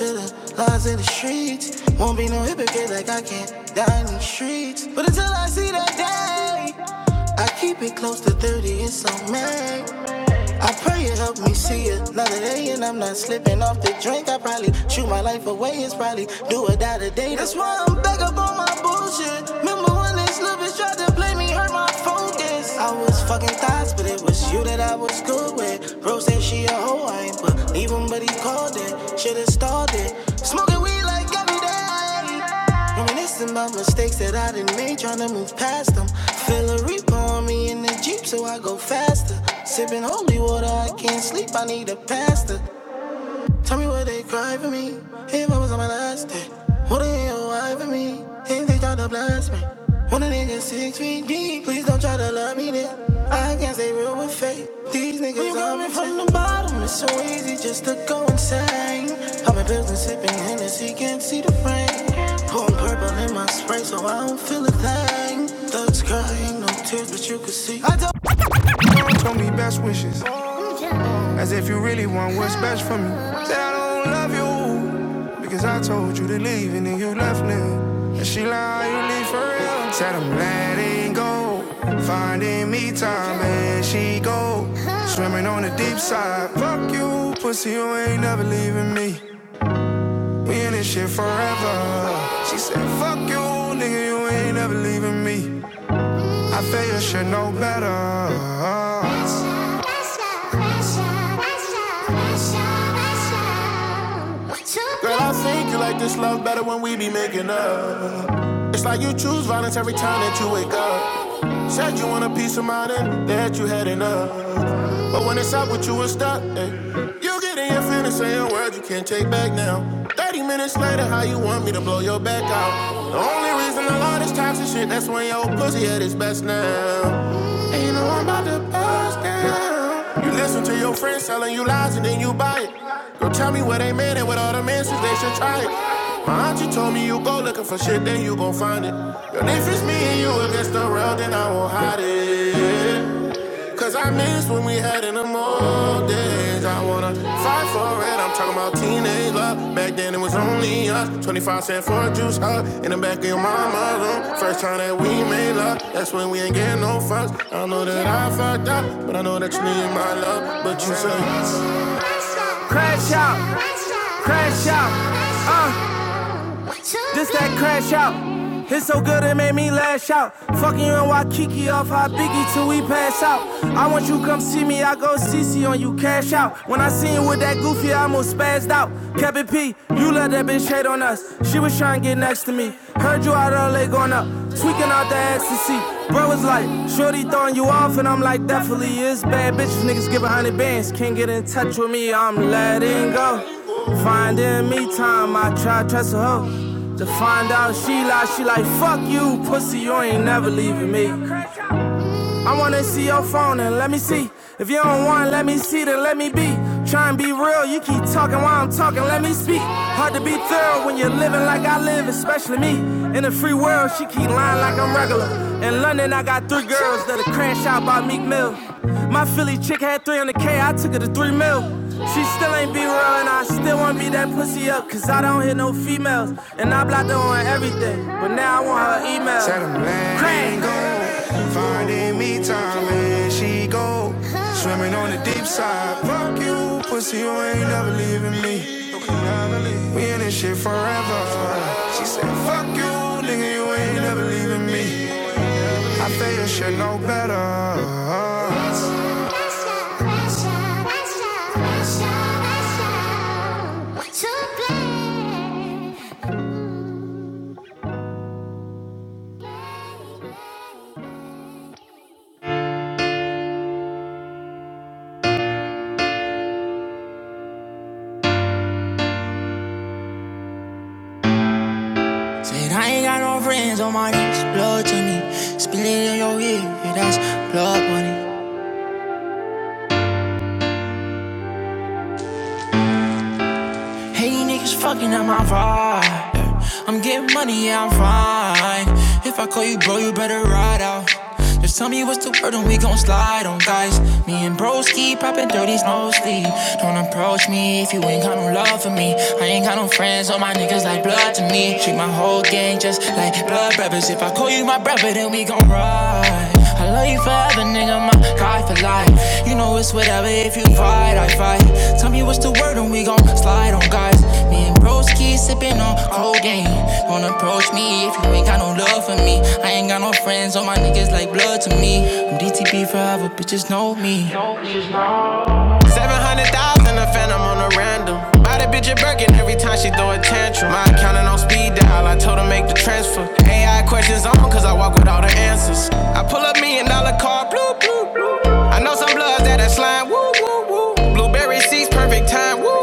[SPEAKER 4] of the streets. Won't be no hypocrite like I can't die in these streets. But until I see that day, keep it dirty. to it's on me. I pray it help me see another day, and I'm not slipping off the drink. I probably chew my life away. It's probably do or die today. That's why I'm back up on my bullshit. Remember when this little bitch tried to play me, hurt my focus. I was fucking thoughts, but it was you that I was good with. Bro said she a hoe, I ain't believe him, but he called it. Should've started. Smoking weed like every day. Reminiscing about mistakes that I didn't make, trying to move past them. Feel a reaper on me in the Jeep, so I go faster. Sipping holy water, I can't sleep, I need a pastor. Tell me what they cry for me. If I was on my last day, would they why for me? If they try to blast me, when a nigga six feet deep, please don't try to love me then. I can't stay real with fate. These niggas when you coming from the bottom, it's so easy just to go insane. I'm in building, sipping Hennessy, can't see the frame. Pouring purple in my spray, so I don't Show me best wishes. As if you really want what's best for me. Said I don't love you because I told you to leave and then you left me. And she lied, you leave for real. Said I'm letting go, finding me time and she go swimming on the deep side. Fuck you, pussy, you ain't never leaving me. We in this shit forever. She said, fuck you, nigga, you ain't never leaving me. I feel you should know better. Pressure, pressure, pressure, pressure, pressure. Girl, I think you like this love better when we be making up. It's like you choose violence every time that you wake up. Said you want a peace of mind and that you had enough. But when it's up with you, it's stuck. eh. You get in your feelings, saying words you can't take back now. 30 minutes later, how you want me to blow your back out? The only reason I love this toxic shit, that's when your pussy at its best now. And you know I'm about to bust down. You listen to your friends telling you lies and then you buy it. Girl, tell me where they made it with all them answers, they should try it. My auntie told me you go looking for shit, then you gon' find it. Girl, if it's me and you against the world, then I won't hide it. Cause I miss when we had in the old days. I wanna fight for it. I'm talking about teenage love. Back then it was only us. 25 cent for a juice hug in the back of your mama's room. First time that we made love. That's when we ain't getting no fuss. I know that I fucked up, but I know that you need my love. But you say. pass out. I want you come see me, I go CC on you, cash out. When I seen you with that goofy, I almost spazzed out. Kept it P, you let that bitch hate on us. She was trying to get next to me. Heard you out early going up, tweaking out the ecstasy. Bro was like, Shorty throwing you off, and I'm like, definitely is bad. Bitches niggas give a hundred bands, can't get in touch with me, I'm letting go. Finding me time, I try to trust a hoe. To find out she lied, she like, fuck you, pussy, you ain't never leaving me. I wanna see your phone and let me see. If you don't want, let me see, then let me be. Try and be real, you keep talking while I'm talking, let me speak. Hard to be thorough when you're living like I live, especially me. In the free world, she keep lying like I'm regular. In London, I got three girls that are crash out by Meek Mill. My Philly chick had 300K, I took her to 3 mil. She still ain't be real, and I still want me that pussy up, cause I don't hit no females. And I blocked her on everything, but now I want her email. Tell them let go. Finding me time and she go. Swimming on the deep side. Fuck you, pussy, you ain't never leaving me. We in this shit forever. She said, fuck you, nigga, you ain't never leaving me. I feel you should know better. Pressure, pressure, pressure, pressure, pressure to play. Said I ain't got no friends on my next blood to me. Spill it in your ear, yeah, that's blood money. Hey, niggas fucking up my vibe. I'm getting money, yeah, I'm fine. If I call you, bro, you better ride out. Just tell me what's the word and we gon' slide on, guys. Me and bros keep poppin' dirties, no sleep. Don't approach me if you ain't got no love for me. I ain't got no friends, all my niggas like blood to me. Treat my whole gang just like blood brothers. If I call you my brother, then we gon' ride. I love you forever, nigga, my guy for life. You know it's whatever if you fight, I fight. Tell me what's the word and we gon' slide on guys. Me and bros keep sipping on codeine. Don't approach me if you ain't got no love for me. I ain't got no friends, all my niggas like blood to me. I'm DTP forever, bitches know me. 700,000, a phantom on a random. Buy the bitch a Birkin every time she throw a tantrum. My accountant on speed dial, I told her make the transfer. AI questions on, cause I walk with all the answers. I pull up million dollar car, blue I know some bloods that are slime. Woo. Blueberry seeds, perfect time. Woo.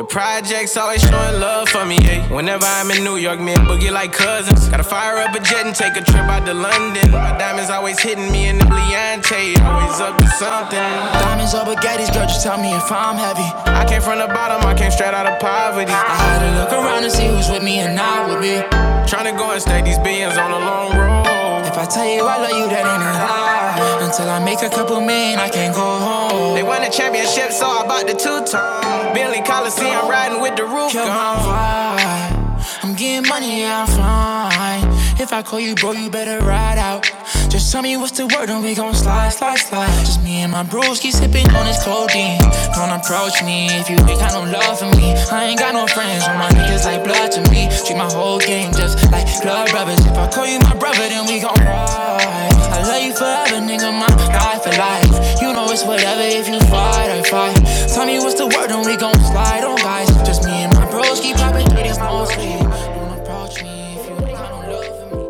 [SPEAKER 4] The projects always showing love for me. ayy. Whenever I'm in New York, me and Boogie like cousins. Gotta fire up a jet and take a trip out to London. My diamonds always hitting me in the Leontay. Always up to something. Diamonds or Bugattis, girl, just tell me if I'm heavy. I came from the bottom, I came straight out of poverty. I had to look around and see who's with me and not with me. These If I tell you I love you, that ain't a lie. Until I make a couple million, I can't go home. They won the championship, so I bought the two-tone. Billy Coliseum riding with the roof You're my gone. vibe. I'm getting money, yeah, I'm fine. If I call you, bro, you better ride out. Just tell me what's the word, and we gon' slide, slide, slide. Just me and my bros keep sipping on this codeine. Don't approach me. If you ain't got no love for me, I ain't got no friends. All my niggas like blood to me. Treat my whole game just like blood brothers. If I call you my brother, then we gon' ride. I love you forever, nigga. My guy for life. You know it's whatever if you fight or fight. Tell me what's the word, then we gon' slide on guys. Just me and my bros keep poppin' it is no sleep. Don't approach me if you ain't got no love for me.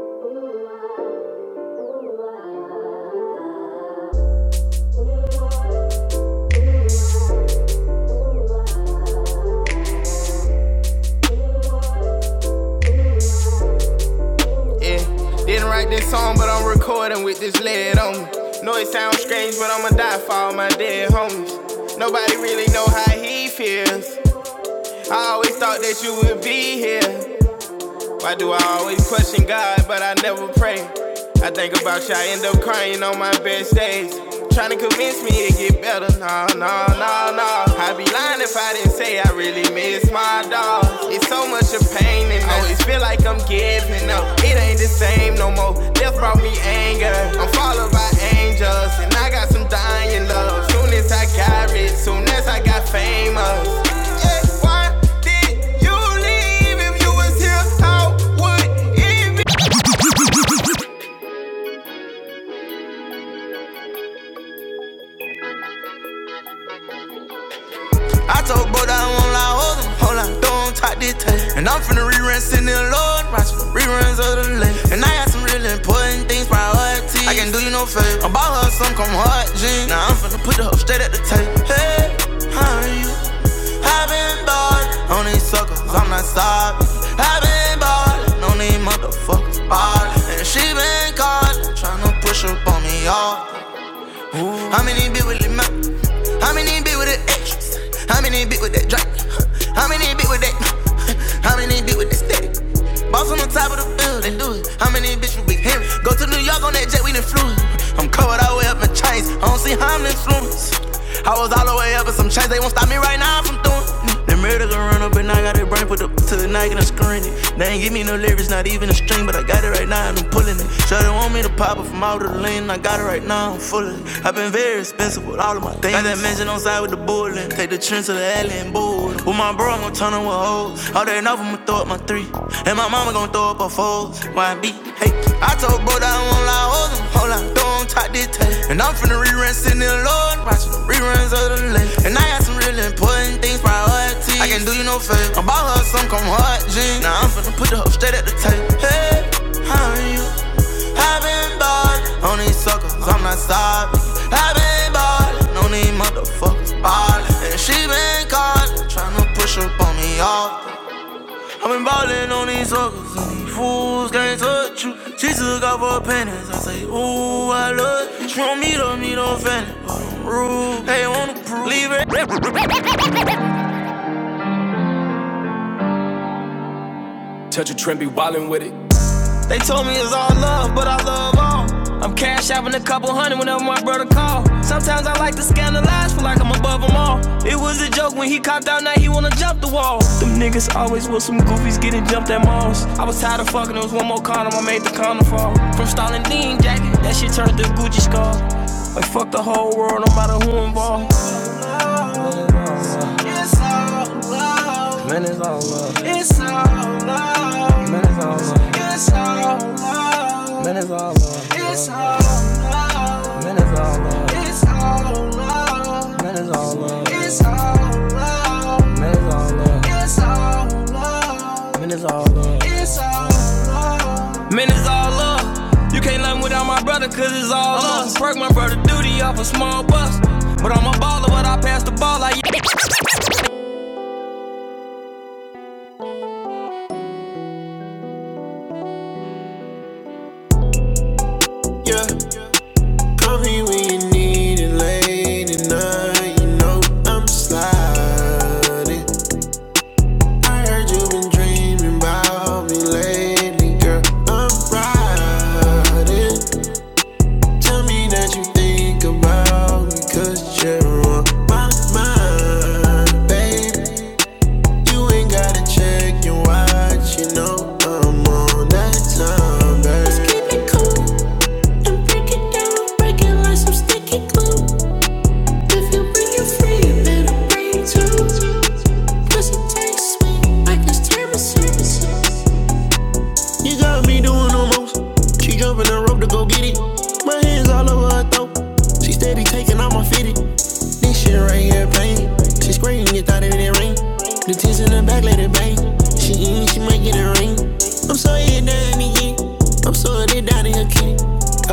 [SPEAKER 4] Yeah, didn't write this song, but I'm recording with this lead on me. Know it sounds strange, but I'ma die for all my dead homies. Nobody really know how he feels. I always thought that you would be here. Why do I always question God, but I never pray? I think about you, I end up crying on my best days. Trying to convince me it get better, no, no, no, no. I'd be lying if I didn't say I really miss my dog. It's so much of pain, and I always feel like I'm giving up. It ain't the same no more. Death brought me anger. I'm followed by angels, and I got some dying love. Soon as I got rich, soon as I got famous. Yeah, why did you leave? If you was here, I would even. I told Bo I won't lie, hold on, don't talk this tape. And I'm finna rerun, sitting there, Lord, watching the reruns of the late. And I got some really important things, priorities. I can not do you no favor. I bought her some come hard jeans. Now I'm finna put the hoe straight at the tape. Hey, how are you? I've been ballin' on these suckers, I'm not sorry. I've been ballin' on these motherfuckers, ballin'. And she been callin', tryna push up on me, y'all. How many bit with the mouth? How many bit with the extras? How many bit with that drop? How many bit with that? How many bit with that static? Boss on the top of the building, do it. How many bitch with big Henry? Go to New York on that jet, we done flew it. I'm covered all the way up in chains. I don't see how I'm influenced. I was all the way up with some chains, they won't stop me right now from doing. it. The murder gon' run up and I got it brain put up to the night and I'm screen it. They ain't give me no lyrics, not even a string, but I got it right now and I'm pulling it. Shawty want me to pop up from out of the lane, I got it right now, I'm full of it. i been very expensive with all of my things. Got that mansion on side with the bullin', take the trend to the alley and board. With my bro, I'm gon' turn him with hoes. All that enough, i am going throw up my three. And my mama gon' throw up her fours. Why be? Hey, I told bro that I won't lie, hoes, and hold on, don't top this tape. And I'm finna rerun, sitting in the Lord, watching the reruns of the late. And I got some really important things. I can't do you no favor. I bought her some come hard jeans. Now I'm finna put the hoe straight at the table. Hey, how are you? i been ballin' on these suckers. I'm not sorry. i been ballin' on these motherfuckers ballin'. And she been callin', tryna push up on me off. i been ballin' on these suckers and these fools can't touch you. She took off her panties. I say, Ooh, I love you. She want me to meet her fanny, but I'm rude. They told me it's all love, but I love all. I'm cash shopping a couple hundred whenever my brother call. Sometimes I like to scandalize, feel like I'm above them all. It was a joke when he copped out, now he wanna jump the wall. Them niggas always with some goofies getting jumped at malls. I was tired of fucking, there was one more condom, I made the condom fall. From Stalin Dean jacket, that shit turned to Gucci scar. Like fuck the whole world, no matter who involved. Man, it's all love. Man, it's all love. Man, it's all love. Man, it's all love. Man, it's all love. Man, it's all love. Man, it's all love. Man, it's all love. You can't nothing without my brother, cause it's all us. Work my brother duty off a small bus. But I'm a baller, but I pass the ball like you. Call me when you need it late at night. You know I'm sliding. Heard you been dreaming about me lately, girl. I'm riding. Tell me that you think about me, cause you're on my mind, baby. You ain't gotta check your watch, you know I'm on that time, baby. You got me doing almost. She jumping the rope to go get it. My hands all over her throat. She steady taking out my fitted. This shit right here pain. She screaming, get out of that ring. The tits in the back, let it bang. She eating, she might get a ring. I'm so hit down again. I'm so hit down in her kitty.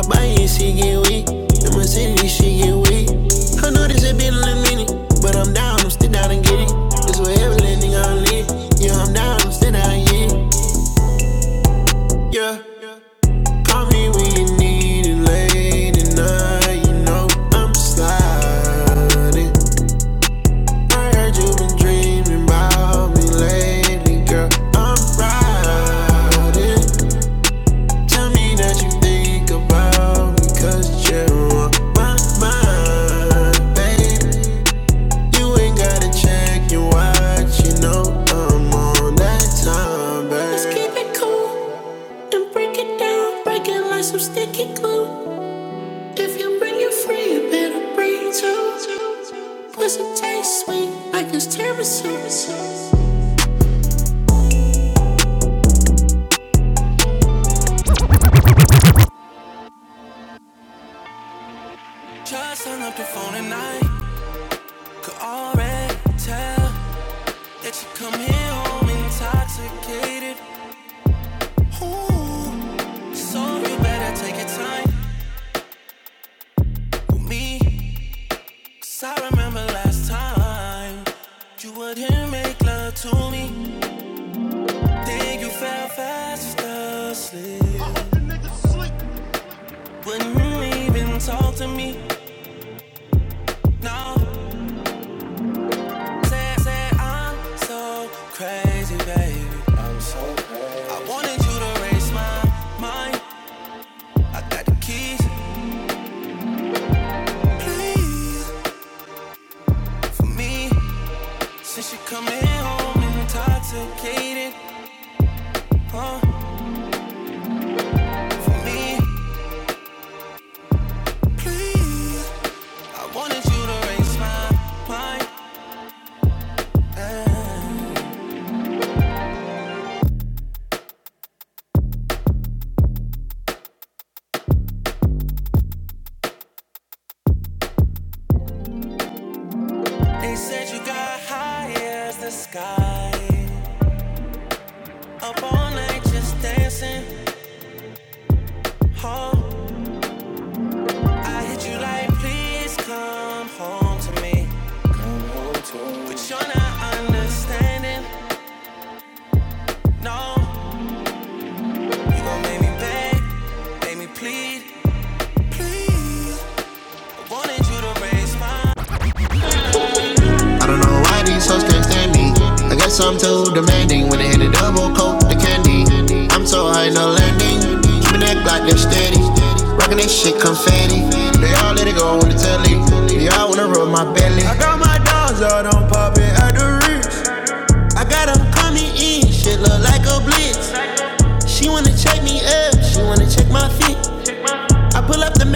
[SPEAKER 4] I buy it, she get weak. In my city, she get weak. I know this has been a minute, but I'm down, I'm still down and get it. It's whatever, let nigga I'm lit. Yeah, I'm down, I'm still down, yeah. Yeah. Call me when you need it late at night. You know I'm sliding. I heard you've been dreaming about me lately, girl. I'm riding. Tell me that you think about me, you you're on my mind. Babe, you ain't gotta check your watch. You know I'm on that time, babe. Let's keep it cool and break it down. Break it like some sticky glue. If you bring you free, you better bring two. Cause it taste sweet, like it's tiramisu. Just hung up the phone and I could already tell that you come here home intoxicated. Ooh, so you better take your time with me. Cause I remember last time you wouldn't make love to me. Then you fell fast asleep. Wouldn't even talk to me. No. Say, say I'm so crazy, baby. I'm so crazy. I wanted you to raise my mind. I got the keys, please, for me. Since you are coming home intoxicated, huh? For me, please. I wanted you to raise my mind. They said you got high as the sky. Up all night just dancing, huh? I hit you like, please come home to me. Come home to me. But you're not understanding. No, you gon' make me beg, make me plead, please. I wanted you to raise me. I don't know why these hoes can't stand me. I guess I'm too demanding when they hit a double coat, the candy. I'm so high, no landing. Keeping that Glock, they steady. Rockin' that shit confetti. They all let it go on the telly. They all wanna rub my belly. I got my dogs out on poppin' at the reach. I got them coming in, shit look like a blitz. She wanna check me up, she wanna check my feet. I pull up the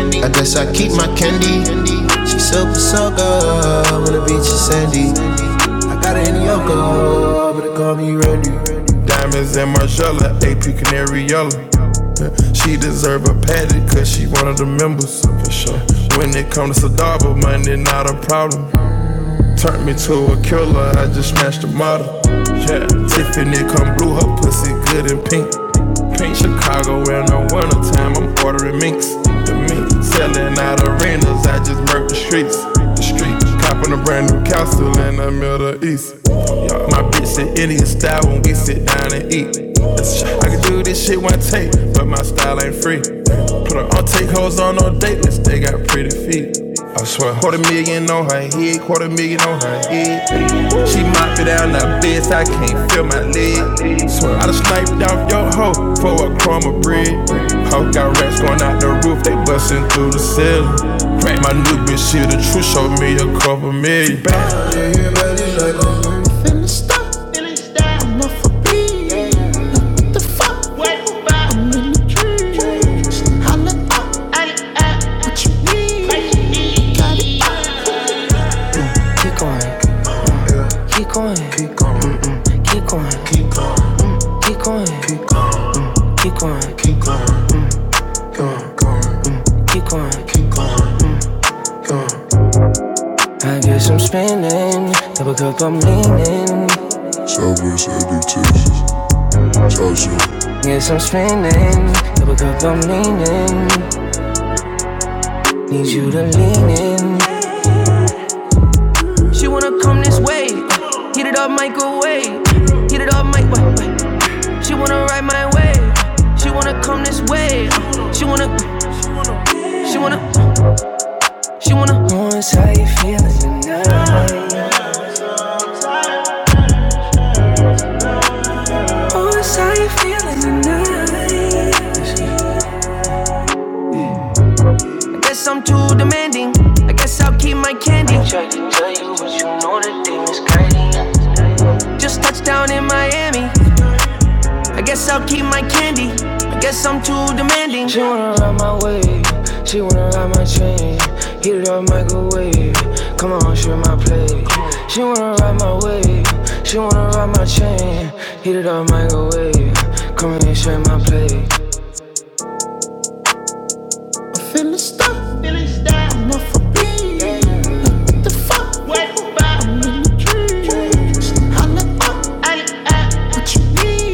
[SPEAKER 4] mini. I guess I keep my candy. She super soaker, on the beach you Sandy. I got it in Yoko, but they call me Randy. Diamonds and Margiela, AP Canary Yellow. Yeah, She deserve a patty, cause she one of the members. For sure. When it come to Sadaba, money not a problem. Burnt me to a killer. I, yeah, pink treats, the streets, copping a Berlin It's that it's I can do this shit one take, but my style ain't free. Put her on take hoes on no date list, they got pretty feet. I swear, quarter million on her head, quarter million on her head. She mopped it down the best, I can't feel my leg. Swear, I just sniped off your hoe for a crumb of bread. Hoe got rats going out the roof, they busting through the ceiling. My new bitch, she the truth, showed me a couple million. Yeah, yeah, like I'm off a beat. The fuck? I'm in the dream. Holla up. What you need? Got it up. Keep going, Boy, going, going, going. yes, I'm spinning. Double cup, I'm leaning. Need you to lean in. She wanna come this way. Heat it up, microwave. Heat it up, mic. Wait, wait. She wanna ride my way. She wanna come this way. She wanna, she wanna. She wanna voice how you feeling tonight. I guess I'm too demanding. I guess I'll keep my candy. I tried to tell you what you know. Just touched down in Miami. I guess I'll keep my candy. I guess I'm too demanding. She wanna, she wanna get it up. Finna stop. What you need?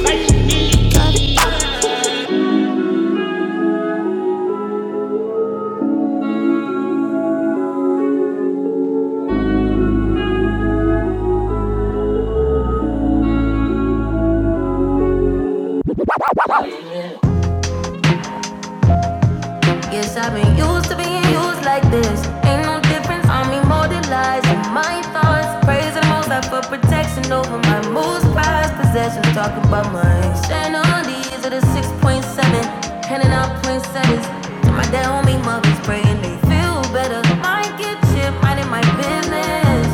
[SPEAKER 4] Guess I've been used to being used like this. Ain't no difference, I'm immortalizing my thoughts. Praising the most high for protection over my most prized possessions. Talking about my externalities of the 6.7. Handing out poinsettias to my dead homie mothers, praying they feel better. My Get chip, minding my business.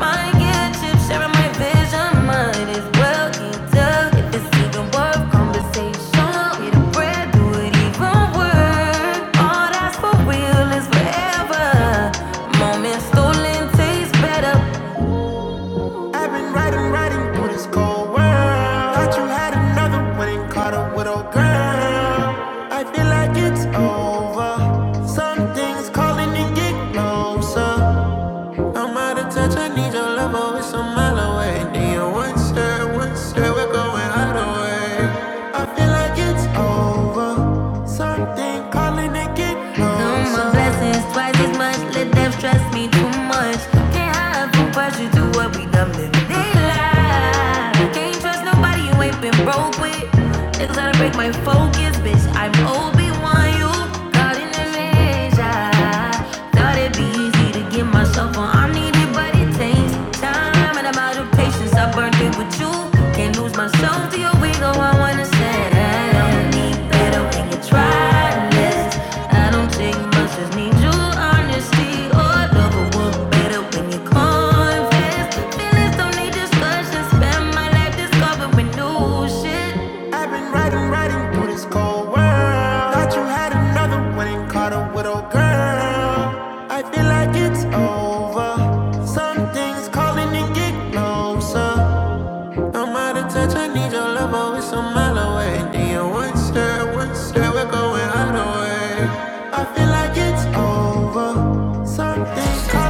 [SPEAKER 4] My get chip, sharing my vision. Mine is well eat If it's even worth conversation, get a bread, do it even work. All that's for real is forever. Moment stolen tastes better. Girl, I feel like it's over. Something's calling and get closer. I'm out of touch, I need your love, oh, it's a mile away. Need your one step, one step, we're going out of way. I feel like it's over. Something calling it get closer. Count my blessings twice as much, let them stress me too much. Can't hide from pressure, do what we done been daylight. Can't trust nobody you ain't been broke with. Niggas try to break my focus, bitch, I'm obi one you thought it'd be easy to get myself on. I need it, but it takes time and I'm of patience. I burned it with you. Can't lose myself to your ego. I wanna say don't need better when you try this. I don't take much, just need your honesty. Or love work better when you confess. Feelings don't need discussion. Spend my life discovering new shit. I've been riding, riding through this cold world. Thought you had another one and caught a widow girl. I feel like it's over. Something's calling and get closer. I'm out of touch, I need your love, oh, it's a mile away. Then you one step, one step, we're going out of way. I feel like it's over. Something's calling.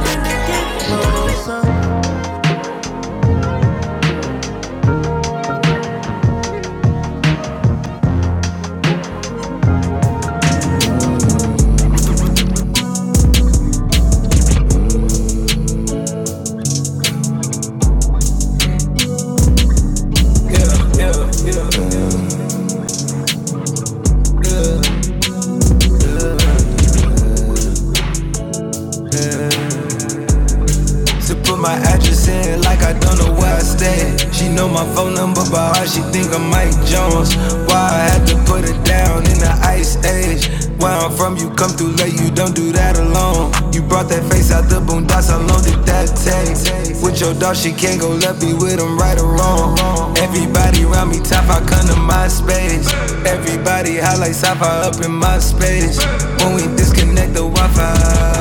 [SPEAKER 4] To put my address in like I don't know where I stay. She know my phone number by heart, she think I'm Mike Jones. Why I had to put her down in the ice age. Where I'm from, you come through late, you don't do that alone. You brought that face out the boondocks, how long did that take? With your dog, she can't go left, be with him right or wrong. Everybody round me top, I come to my space. Everybody highlights, I fire up in my space. When we disconnect the Wi Fi.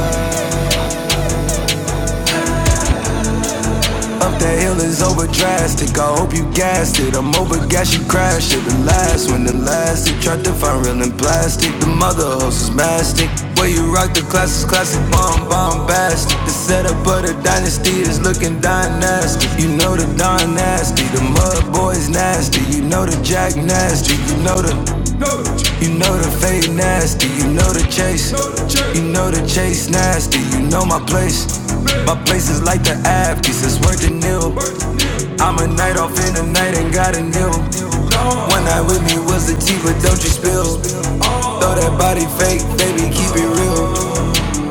[SPEAKER 4] Up the hill is over drastic. I hope you gassed it. I'm over gas, you crashed it. The last one, the last it. Tried to find real in plastic. The mother host is mastic. Where you rock the class is classic bomb, bombastic. The setup of the dynasty is looking dynastic. You know the Don nasty. The mud boys nasty. You know the Jack nasty. You know the. You know the fade nasty, you know the chase. You know the chase nasty, you know my place. My place is like the Afghans, it's worth a nil. I'm a night off in the night and got a nil. One night with me was the tea, but don't you spill. Throw that body fake, baby, keep it real.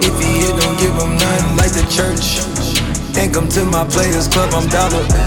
[SPEAKER 4] If he hit, don't give him nothing like the church. Think I'm to my players club, I'm dollar.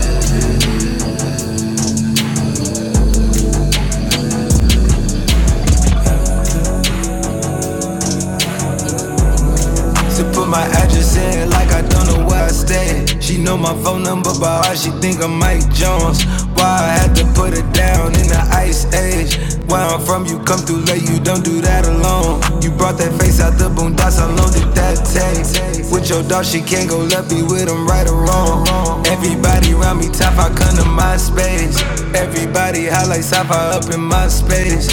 [SPEAKER 4] To put my address in like I don't know where I stay. She know my phone number by heart, she think I'm Mike Jones. Why I had to put her down in the ice age. Where I'm from, you come through late, you don't do that alone. You brought that face out the boondocks, how long did that take? With your dog, she can't go left, be with him right or wrong. Everybody round me top, I come to my space. Everybody highlights top, I up in my space.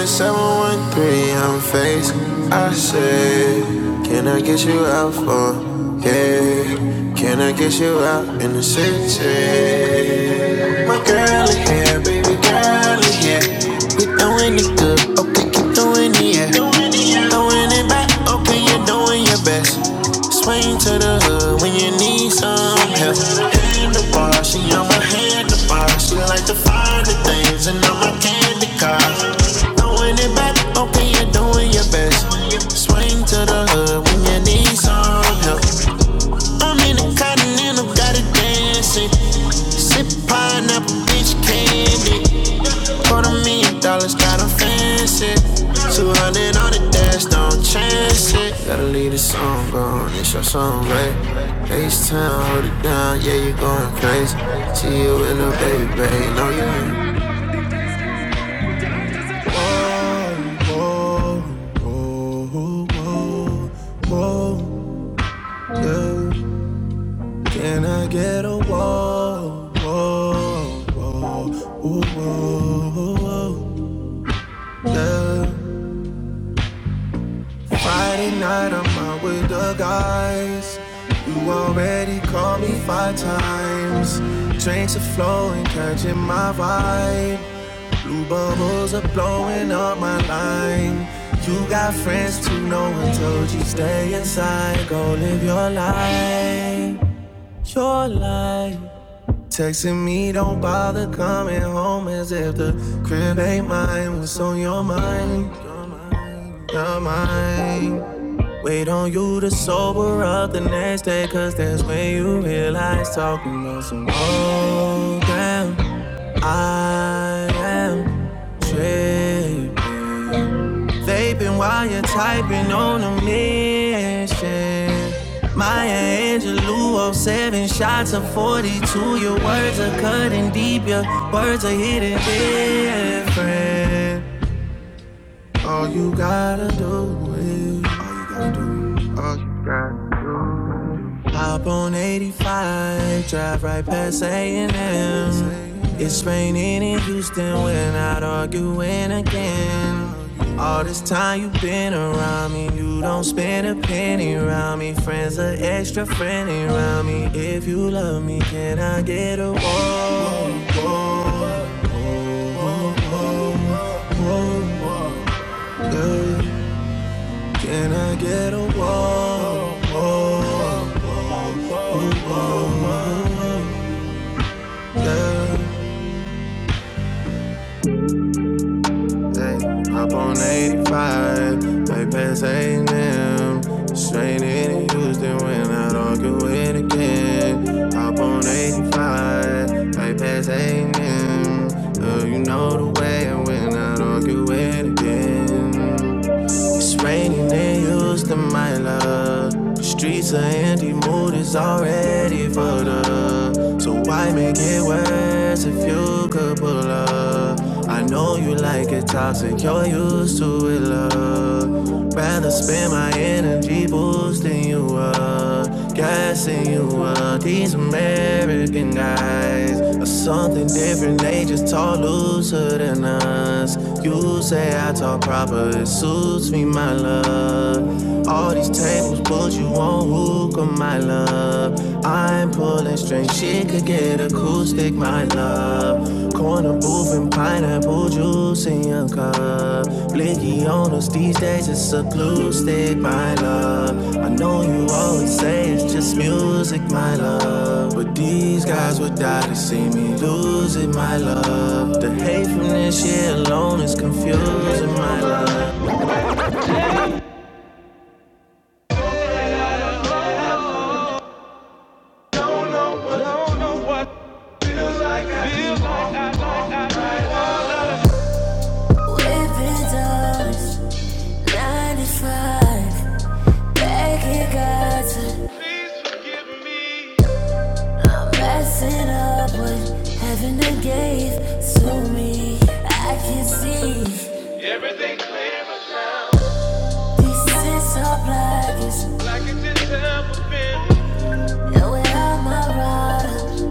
[SPEAKER 4] the 713, I'm face. I said, Can I get you out for? Yeah, can I get you out in the city? My girl is here, baby girl is here. We doing it good, okay, keep doing it, yeah. Throwing it back, okay, you're doing your best. Swing to the hood when you need some help. In the bar, she on my hand, the bar. She like to find the things and on my candy car. Throwing it back, okay, you're doing your best. Swing to the hood when you need some help. I'm in the i continental, got it dancing. Sip pineapple, bitch candy. Quarter million dollars, got 'em fancy. 200 on the dash, don't chance it. Gotta leave the song gone, it's your song, right? Ace town, hold it down, yeah, you going crazy. See you in the baby, baby, no, you ain't. Whoa, whoa, whoa, whoa, whoa, yeah. Can I get a whoa, whoa, whoa, whoa, whoa, whoa, yeah. Friday night, I'm out with the guys. You already called me five times. Drinks are flowing, catching my vibe. Blue bubbles are blowing up my line. You got friends too, no one told you stay inside. Go live your life, your life. Texting me, don't bother coming home as if the crib ain't mine. What's on your mind? Your mind. Wait on you to sober up the next day, cause that's when you realize talking about some old damn. I am tripping. Vaping while you're typing on a mission. Maya Angelou, oh, 07 shots of 42. Your words are cutting deep, your words are hitting different. All you gotta do is. Hop on 85, drive right past A&M. It's raining in Houston, we're not arguing again. All this time you've been around me, you don't spend a penny around me. Friends are extra friendly around me. If you love me, can I get a walk? Can I get a walk? Hey, hop on 85, way past A&M. Straight in Houston when I not with a kid. Hop on 85, way past A&M. Uh, you know the way and when I argue with again raining and used to my love. The streets are empty, mood is already fucked up. So why make it worse if you could pull up? I know you like it toxic, you're used to it, love. Rather spend my energy boosting you up. Gassing you up, these American guys are something different. They just talk looser than us. You say I talk proper, it suits me, my love. All these tables put you on hookah, my love. I'm pulling straight shit could get. Whipping doors, 95. Back in Gaza, messing up what heaven gave to me. I can see. These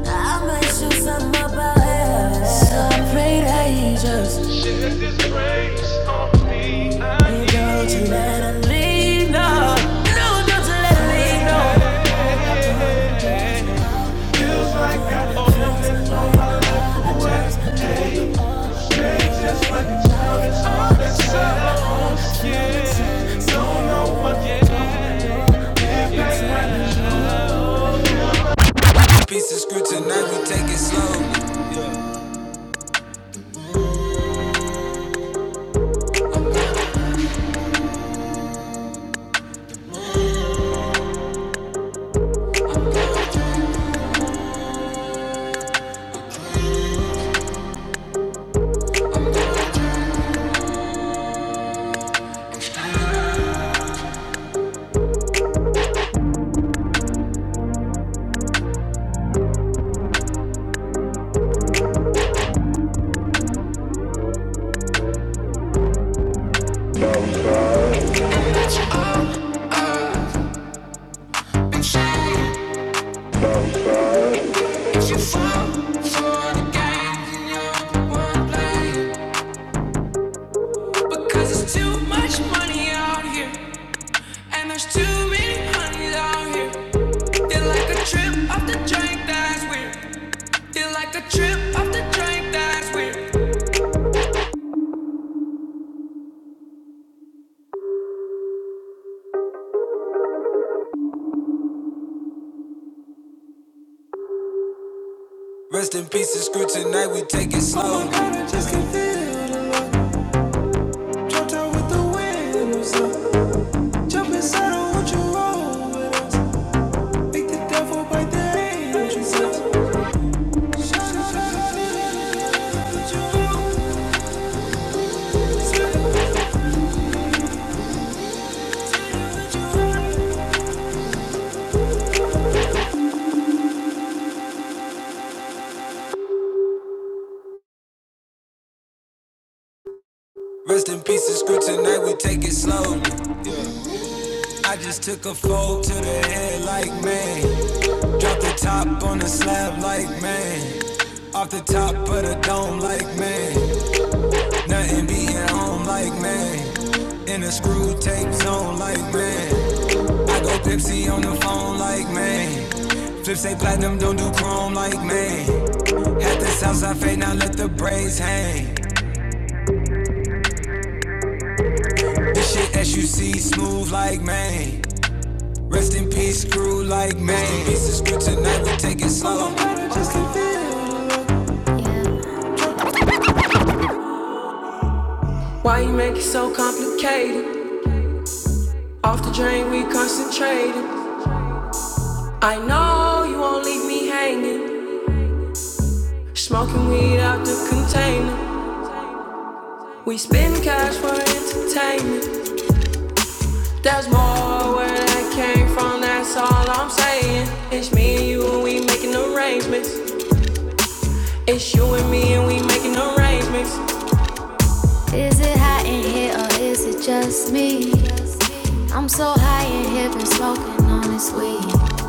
[SPEAKER 4] I might show something about don't let her leave, no. No, don't let her leave, no. like trip off the drink, that's weird. They like a trip off the drink, that's weird. Rest in peace and screw tonight, we take it slow. Rest in peace and screw tonight, we take it slow. I just took a fold to the head like man. Drop the top on the slab like man. Off the top of the dome like man. Nothing beating home like man. In a screw tape zone like man. Pepsi on the phone like man. Flip say platinum, don't do chrome like man. Had the south side fade, now let the braids hang. SUC smooth like Maine. Rest in peace, crew like Maine. This is script tonight, we take it slow. Why you make it so complicated? Off the drain, we concentrated. I know you won't leave me hanging. Smoking weed out the container. We spend cash for entertainment. There's more where that came from, that's all I'm saying. It's me and you, and we making arrangements. It's you and me, and we making arrangements. Is it hot in here or is it just me? I'm so high in here, been smoking on this weed.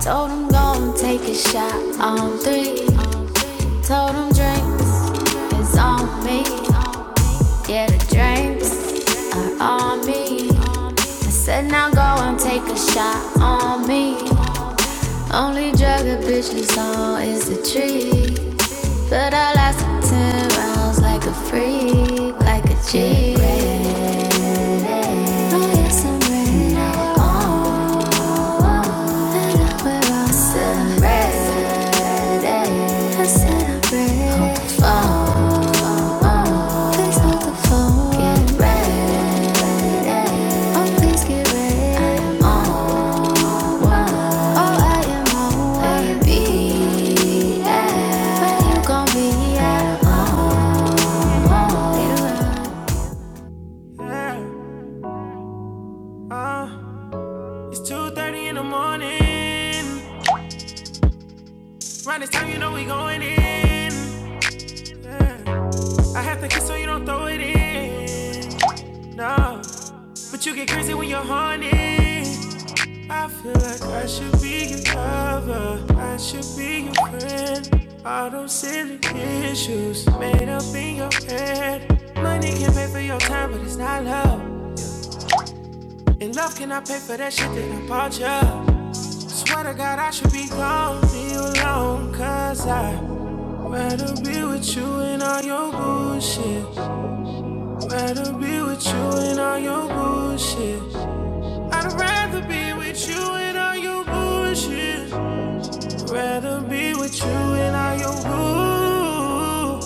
[SPEAKER 4] Told him go and take a shot on three. Told him drinks is on me. Yeah, the drinks are on me. I said now go and take a shot on me. Only drug a bitch is on is the tree. But I lasted ten rounds like a freak, like a G. Yeah, uh. It's 2.30 in the morning. Round this time, you know we going in. Yeah. I have to kiss so you don't throw it in. No, but you get crazy when you're horny. I feel like I should be your lover. I should be your friend. All those silly issues made up in your head. Money can pay for your time, but it's not love. And love cannot pay for that shit that I bought ya. Swear to God, I should be gone, leave you alone, cause I Rather be with you and all your bullshit. Rather be with you and all your bullshit. I'd rather be with you and all your bullshit. Rather be with you and all your bullshit.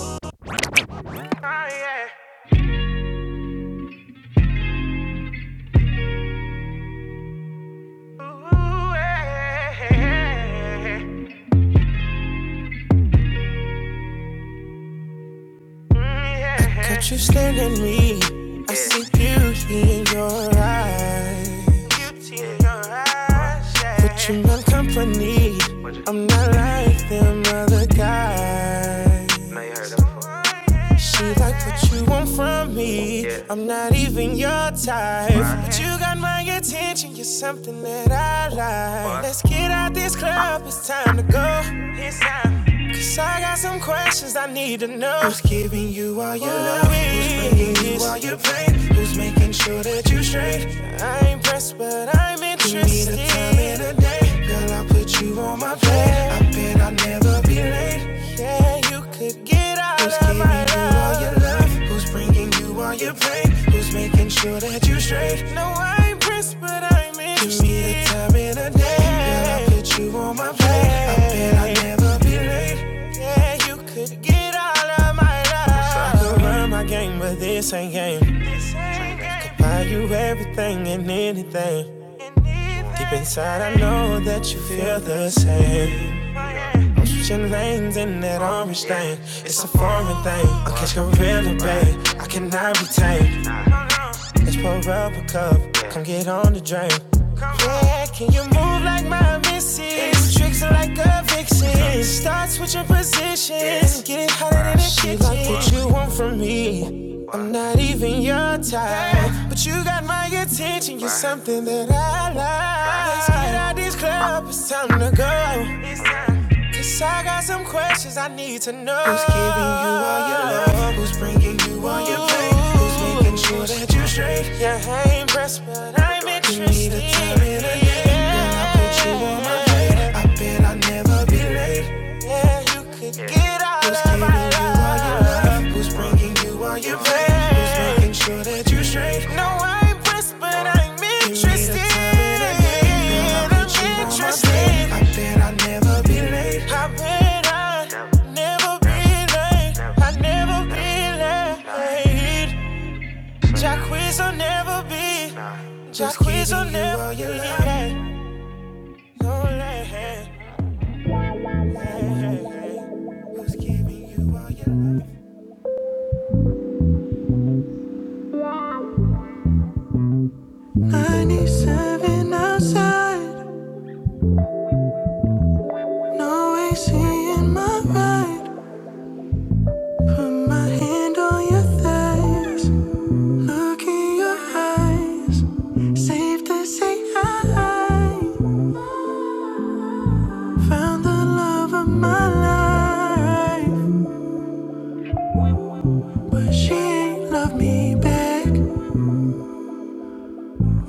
[SPEAKER 4] Caught you staring at me. I see beauty in your eyes. But you my company. I'm not like them other guys. She like what you want from me. I'm not even your type. But you got my attention. You're something that I like. Let's get out this club. It's time to go. It's time. Cause I got some questions I need to know. Who's giving you all your love? Who's bringing you all your pain? Who's making sure that you are straight? I ain't pressed, but I'm interested. You need a time and a day, girl. I will put you on my plate. I Yeah, bet I'll never be late. yeah, you could get all of my love. Who's giving you all your love? Who's bringing giving you all your pain? Who's making sure that you're straight? No, I ain't Prince, but I'm in. Give me the interested. time in a day. Girl, I put you on my plate. I bet I'll never be late. Yeah, you could get all of my love. I could run my game, but this ain't game. This ain't game. I could Buy you everything and anything. And Deep inside, I know that you feel the same. Egyptian veins in that orange thing. It's a foreign thing. I catch gorilla, babe. I cannot be tamed. Let's pour up a cup. Come get on the drink. Like my missus, tricks are like a vixen. Start switching positions, get it hotter than a kitchen. She like what you want from me, not even something I like. Cause I questions I need to know. Who's giving you all your love? on your plate. Who's making sure that you are straight? Yeah, I ain't pressed, but I'm interested. You need interested. a time and a date. Girl, I put you on my plate. I bet I'll never be late. Yeah, you could get out of my life. Who's of giving my you all your love? Who's bringing you all your plate? Who's making sure that you are straight? No, I ain't pressed, but I'm interested. You need a time and a date. Girl, I I'm put you on my plate. interested. Never be late. I have been I never be late. I never be late. Jack will never be. Jack will never be late. No late. Who's giving you all your love? 97 outside, no AC in my ride. Put my hand on your thighs, look in your eyes. Safe to say hi. Found the love of my life, but she ain't love me back.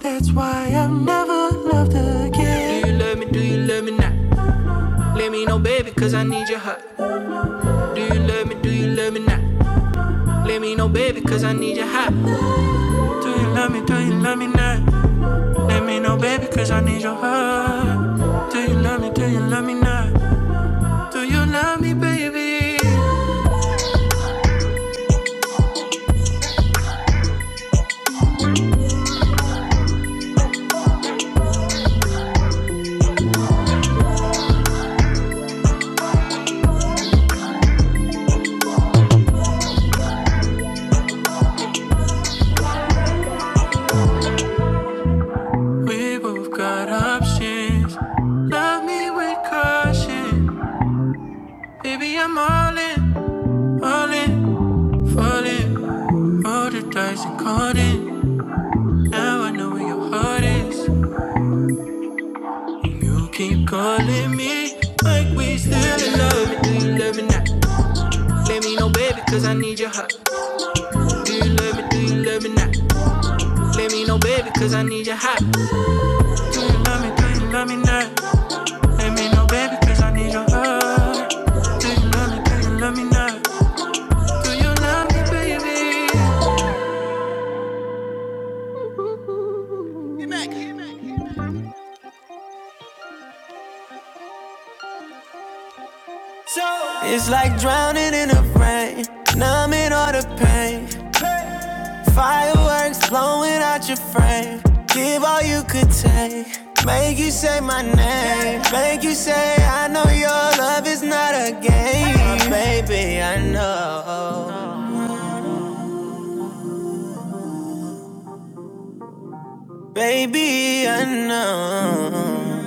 [SPEAKER 4] That's why I've never loved again. Do you love me? Do you love me not? Let me know, baby, cause I need your heart. Do you love me? Do you love me not? Let me know, baby, cause I need your heart. Do you love me? Do you love me not? Let me know, baby, cause I need your heart. Do you love me? Do you love me not? Do you love me, baby? We both got options. Love me with caution. Baby, I'm all in, all in, falling. Roll the dice and caught it. Now I know where your heart is. You keep calling me like we still in love. Do you love me now? Let me know, baby, cause I need your heart. Do you love me? Do you love me now? Let me know, baby, cause I need your heart. Do you love me? Do you love me now? Let me know, baby, cause I need your heart. Do you love me? Do you love me now? Do you love me, baby? It's like drowning in the rain, numbing all the pain. Fireworks blowing out your frame. Give all you could take. Make you say my name. Make you say, I know your love is not a game. Oh Baby, I know. Baby, I know.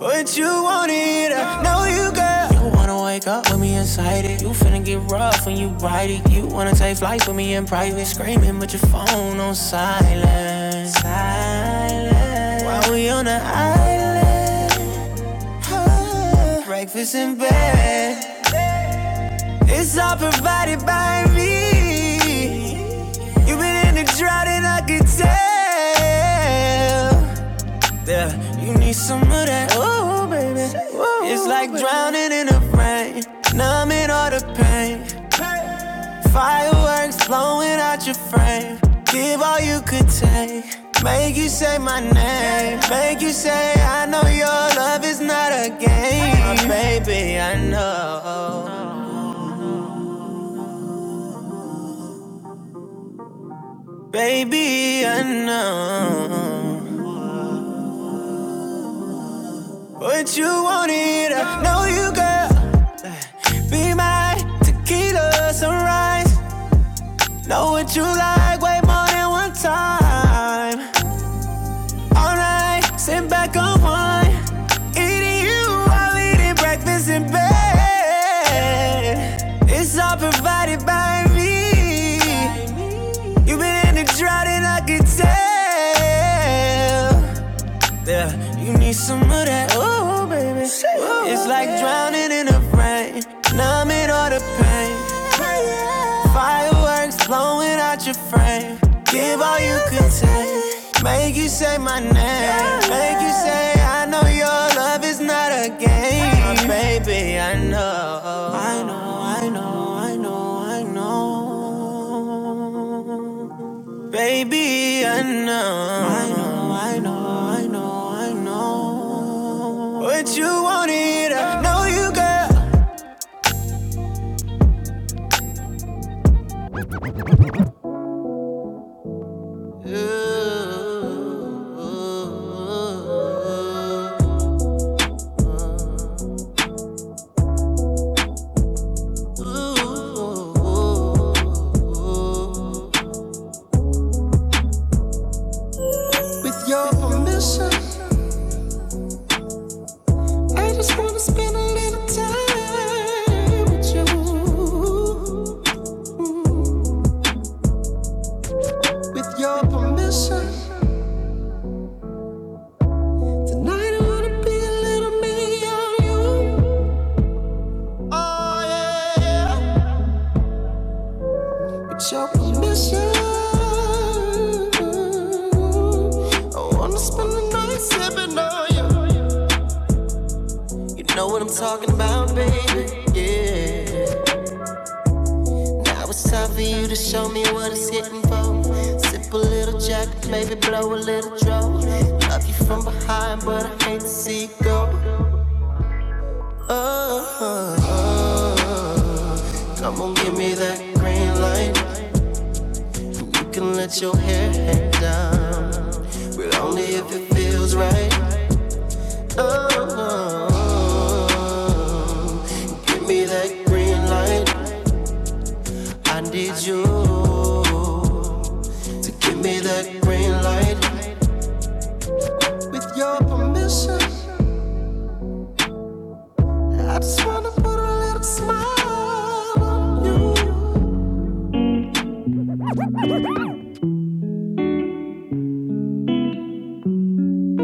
[SPEAKER 4] But you want it, I know you got. You wanna wake up with me inside it. You finna get rough when you ride it. You wanna take flights with me in private, screaming, but your phone on silent. Silent. While we on the island, huh? breakfast in bed. It's all provided by me. You've been in the drought and I can tell. Yeah, You need some of that, oh baby. Ooh, It's like baby. drowning in the rain, numbing all the pain. Fireworks blowing out your frame. Give all you could take. Make you say my name. Make you say I know your love is not a game. Oh, baby, I know. Baby, I know. What you wanted, I know you, girl. Be my tequila sunrise. Know what you like way more than one time. All night, sit back on one. Eating you while eating breakfast in bed. It's all provided by me. You've been in the drought and I can tell there. You need some of that, oh baby. It's like drowning in the rain, numbing all the pain. Fireworks blowing out your frame. Give all you can take. Make you say my name. Make you say, I know your love is not a game. Oh, baby, I know. I know, I know, I know, I know. Baby, I know. I know, I know, I know, I know. What you wanted, I know you got. I just wanna spend a little time with you. With your permission, tonight I wanna be a little me on you. Oh yeah. yeah. With your permission, I wanna spend the night sipping on you. You know what I'm talking about, baby. Yeah. Now it's time for you to show me what it's hitting for. Sip a little jack, maybe blow a little draw. Love you from behind, but I hate to see you go. Oh, oh, oh. come on, give me that green light. You can let your hair hang down if it feels right.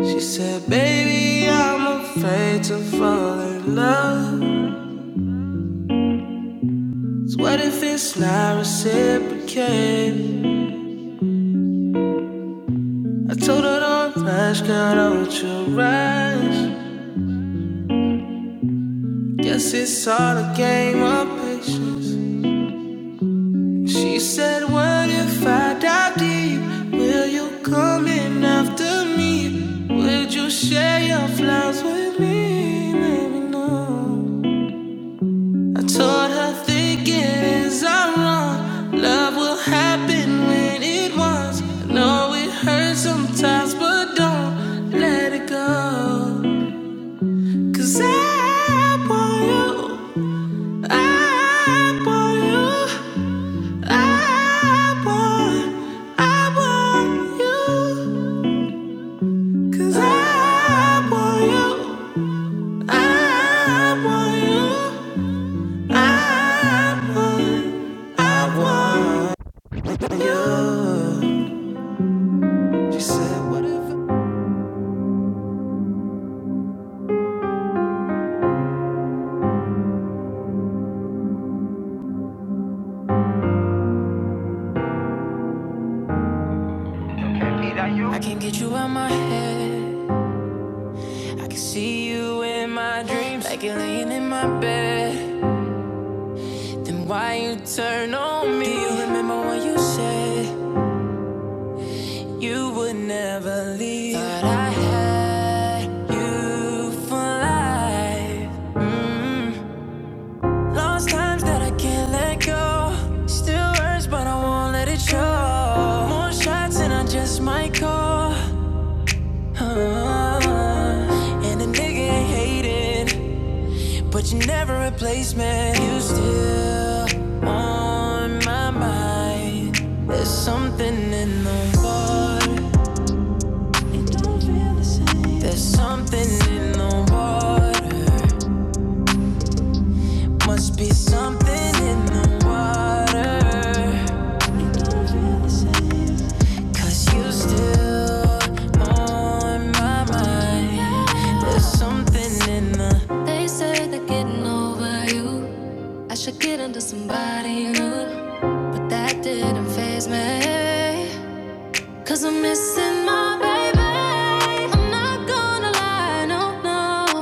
[SPEAKER 4] She said, baby, I'm afraid to fall in love. What if it's not reciprocated? I told her don't rush, girl, don't you rush. Guess it's all a game of patience. She said, What if I dive deep? Will you come in after me? Would you share your flowers with me? Maybe no. I told her thinking is I'm wrong. Love will happen when it wants. I know it hurts sometimes, but don't let it go. 'Cause I want you. I want you. I want, I want you. 'Cause I want you. I want you. I want, I want you. She said, whatever. I can't get you out my head. I can see you in my dreams, like you're laying in my bed. Then why you turn on me? Do you remember when you said you would never leave? Thought I had you for life. Lost times that I can't let go. Still hurts, but I won't let it show. More shots and I just might call. Uh, and a nigga ain't hating. But you are never a replacement. You still on my mind. There's something in the water. It don't feel the same. There's something in the water. Must be something in the water. It don't feel the same. Cause you still on my mind. There's something in the body, but that didn't faze me. Cause I'm missing my baby. I'm not gonna lie, no, no.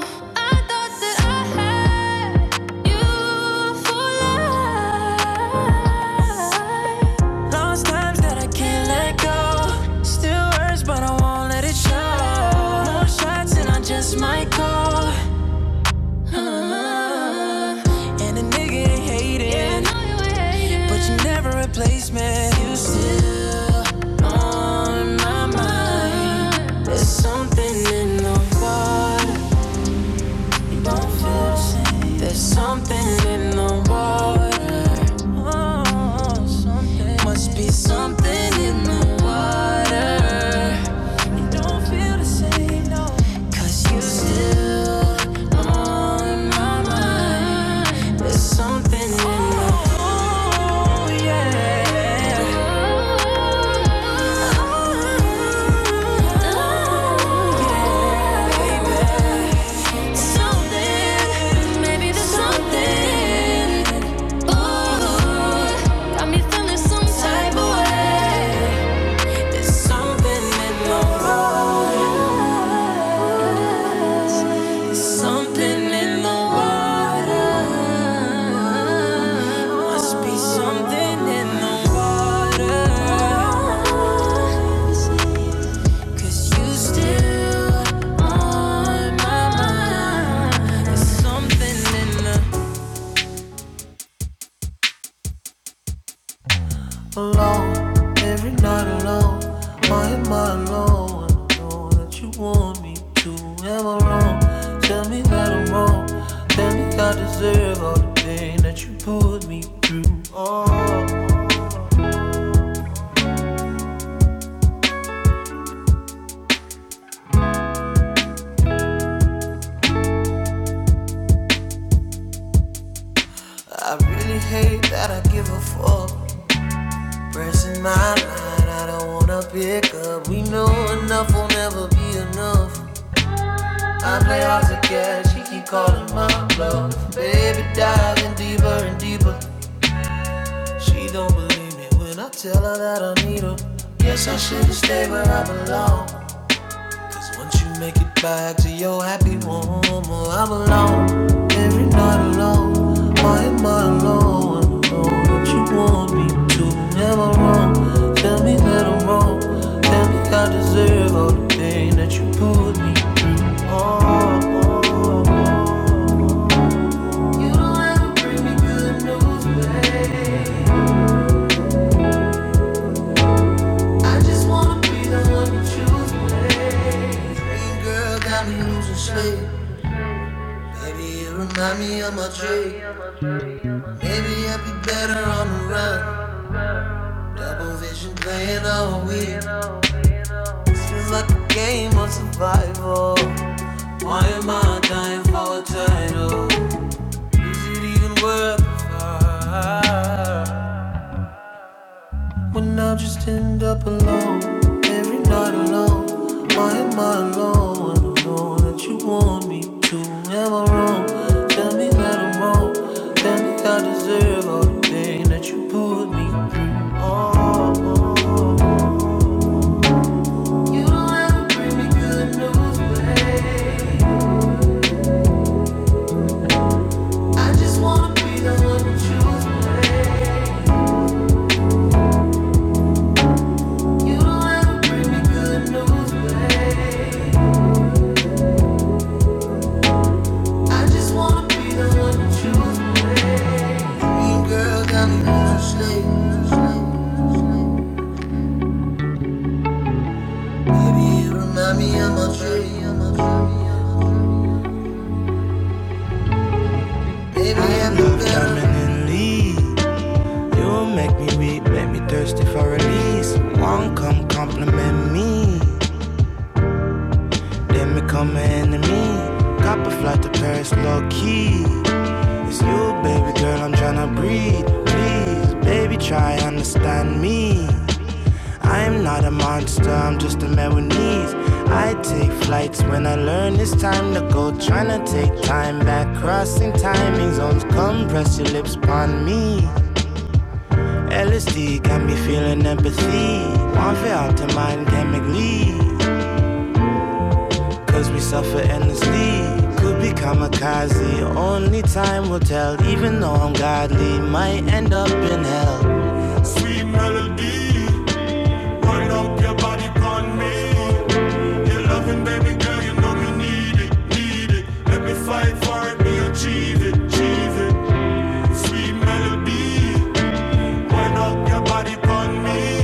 [SPEAKER 4] I thought that I had you for life. Lost times that I can't let go. Still hurts, but I won't let it show. No shots, and I just might go. Uh, and a nigga hating. Yeah, hating. But you never replace me. You still on my mind. There's something in the water. You don't feel the same. There's something in the water. Oh, something. Must be something in the water. You don't feel the same, no. 'Cause you still on my mind. There's something in the water. Oh, yeah. Oh, oh, oh, oh. There's something in the road. Something in the water. Must be something in the water. 'Cause you still on my mind. There's something in the alone, every night alone. Why am I alone? I know that you want me to. Am I wrong? Tell me that I'm wrong. Tell me I deserve all the pain that you put me through. Oh, I really hate that I give a fuck. Pressing my line, I don't wanna pick up. We know enough will never be enough. I play hard to get, she keep calling my bluff. Baby, diving deeper and deeper. She don't believe me when I tell her that I need her. Guess I should've stayed where I belong. Cause once you make it back to your happy home, well, I'm alone. Every night alone, why am I alone? I know that you want me to. never I wrong? Tell me that I'm wrong. Tell me I deserve all the pain that you put me through. Oh, oh, oh. oh. You don't ever bring me good news, babe. I just wanna be the one you choose. Hey girl, got me losing sleep. Maybe you remind me of my dream. Maybe I'd be better on the run. Double vision playing all week. Seems like a game of survival. Why am I dying for a title? Is it even worth the fight? When I just end up alone, every night alone. Why am I alone? I don't know that you want me to. Am I wrong? Tell me that I'm wrong. Tell me I deserve all the pain that you put me through. Oh, oh. oh. you don't ever bring me good news, babe. I just wanna be the one you choose. babe. You don't ever bring me good news, babe. I just wanna be the one you choose. babe. Green girl got me going to sleep. Baby, you remind me of my tree. Baby, I'm the better. One come compliment me, then become an enemy. Cop a flight to Paris, low key. It's you, baby girl, I'm tryna breathe. Please, baby, try understand me. I'm not a monster, I'm just a man with needs. I take flights when I learn it's time to go. Tryna take time back, crossing timing zones. Come press your lips upon me. Only time will tell, even though I'm godly, might end up in hell. Sweet melody, wind up your body on me. You're loving, baby girl, you know you need it, need it. Let me fight for it, we achieve it, achieve it. Sweet melody, Wind up your body upon me.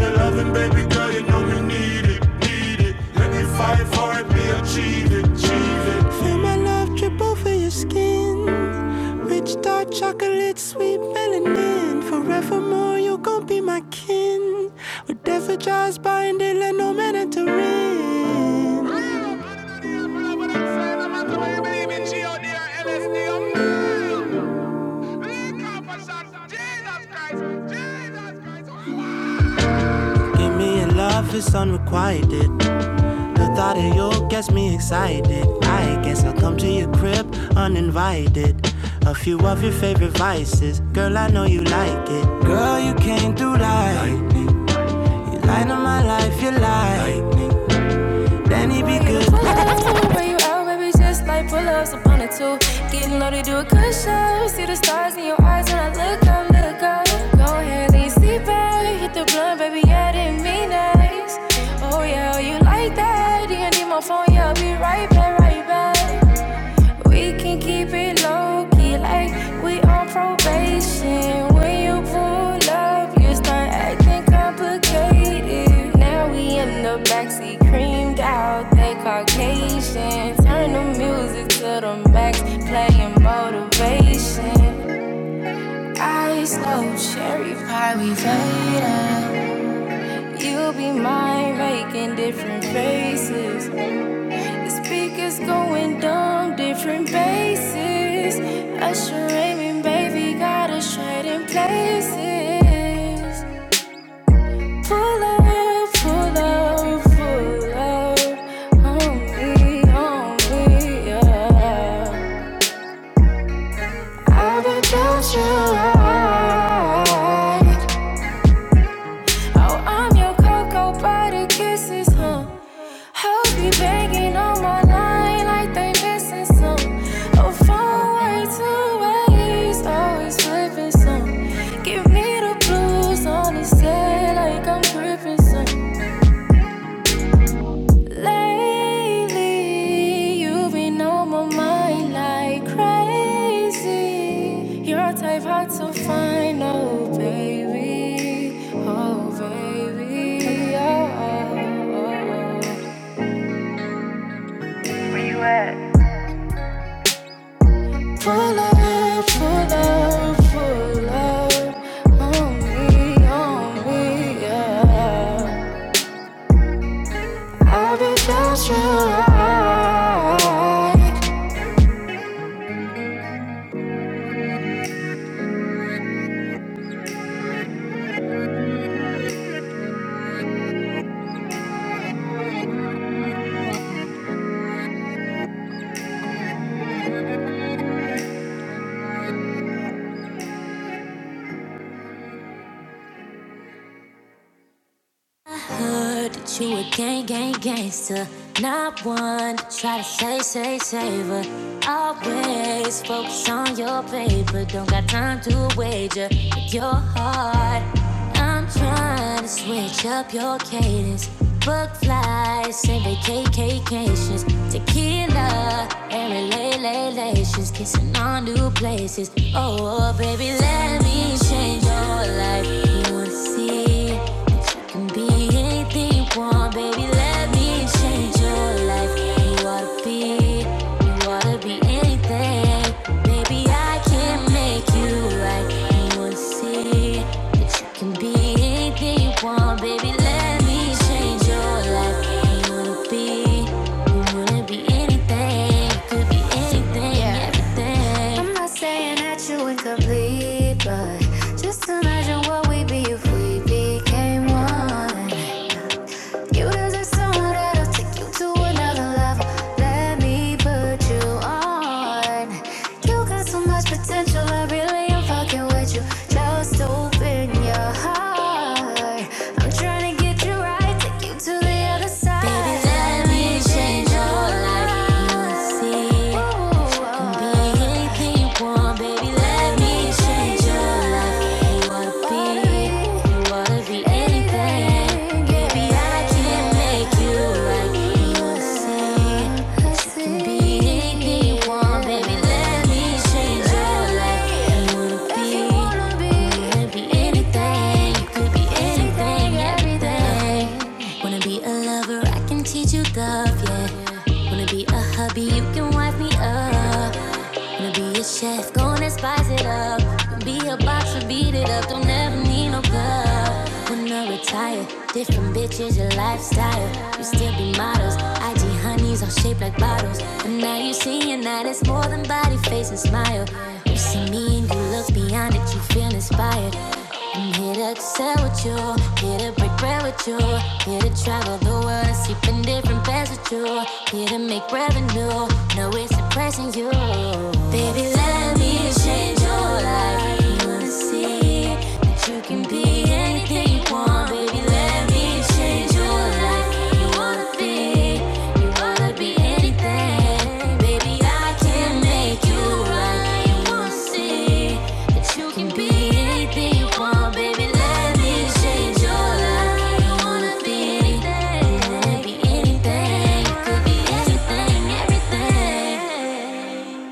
[SPEAKER 4] Your loving, baby girl, you know we need it, need it. Let me fight for it, we achieve it, achieve Feel my love drip over your skin. Rich dark chocolate, sweet melanin. Forevermore, you gon' be my kin. Whatever jaws bind let no man enter in. Believe in G-O-D or LSD, I'm Jesus Then it be good. where you out, baby, just like pull-ups up on a two. Getting loaded, do a good cushion. See the stars in your eyes when I look up, look up. Go ahead, lean sleep back. Hit the blunt, baby, yeah, didn't mean nice. Oh yeah, oh, you like that? DND my phone, yeah, I'll be right back, right back. We can keep it low key, like we on probation. When you pull up, you start acting complicated. Now we in the backseat, creamed out, they Caucasian. Turn the music to the max, playing motivation. Ice low, cherry pie, we fade faded. You be mine, making different faces. Speakers going dumb, different bases. Usher aiming, baby, got us trading places. Pull up, pull up, pull up. On me, on me, yeah. I've been felt you right. Oh, I'm your cocoa butter kisses, huh? Hope you banging on my line like they missing some. Oh, found way to waste, always slipping some. Give me the blues on this day, like I'm gripping some. Lately, you've on my mind like crazy. you type hard to find, oh baby, oh baby, oh. oh, oh. oh. Full love, full love, full love. On me, on me, yeah. I've been felt you right. Heard that you a gang, gang, gangster. Not one to try to say, say, say, but always focus on your paper. Don't got time to wager with your heart. I'm trying to switch up your cadence. Book flights and vacations, tequila and relations, kissing on new places. Oh, baby, let me change your life. You wanna see that you can be anything you want, baby. Let me change your life. You wanna be, you wanna be anything, baby. I can make you right. You wanna see that you can be anything you want, baby. Let me change your life. You wanna be, you wanna be anything. Could be anything, Yeah. everything. I'm not saying that you incomplete, but just imagine what we'd be if we became one. You deserve someone that'll take you to another level. Let me put you on. You got so much potential, I really am fucking with you. Just open your heart. I'm trying to get you right, take you to the other side. Baby, let me change your life. You'll see. Ooh, Can be anything you want, baby. Let me change your life wanna be, you wanna be anything. Baby, I can make you like you say. You can be anything you want, baby. Let me change your life. You wanna be, you wanna be anything. You could be anything, everything. Wanna be a lover, I can teach you love, yeah. Wanna be a hubby, you can wipe me up. Wanna be a chef, gonna spice it up. Wanna be a boxer, beat it up. Don't ever need no glove. When I retire, different bitches, your lifestyle. You still be models, IG honeys all shaped like bottles. And now you see, and that it's more than body, face, and smile. You see me and you love looks beyond it, you feel inspired. I'm here to excel with you, here to break bread with you, here to travel the world and sleep in different beds with you, here to make revenue. No, it's impressing you, baby. Let me change your life. You wanna see that you can be anything you want, baby. Let me change your life. Anything, everything.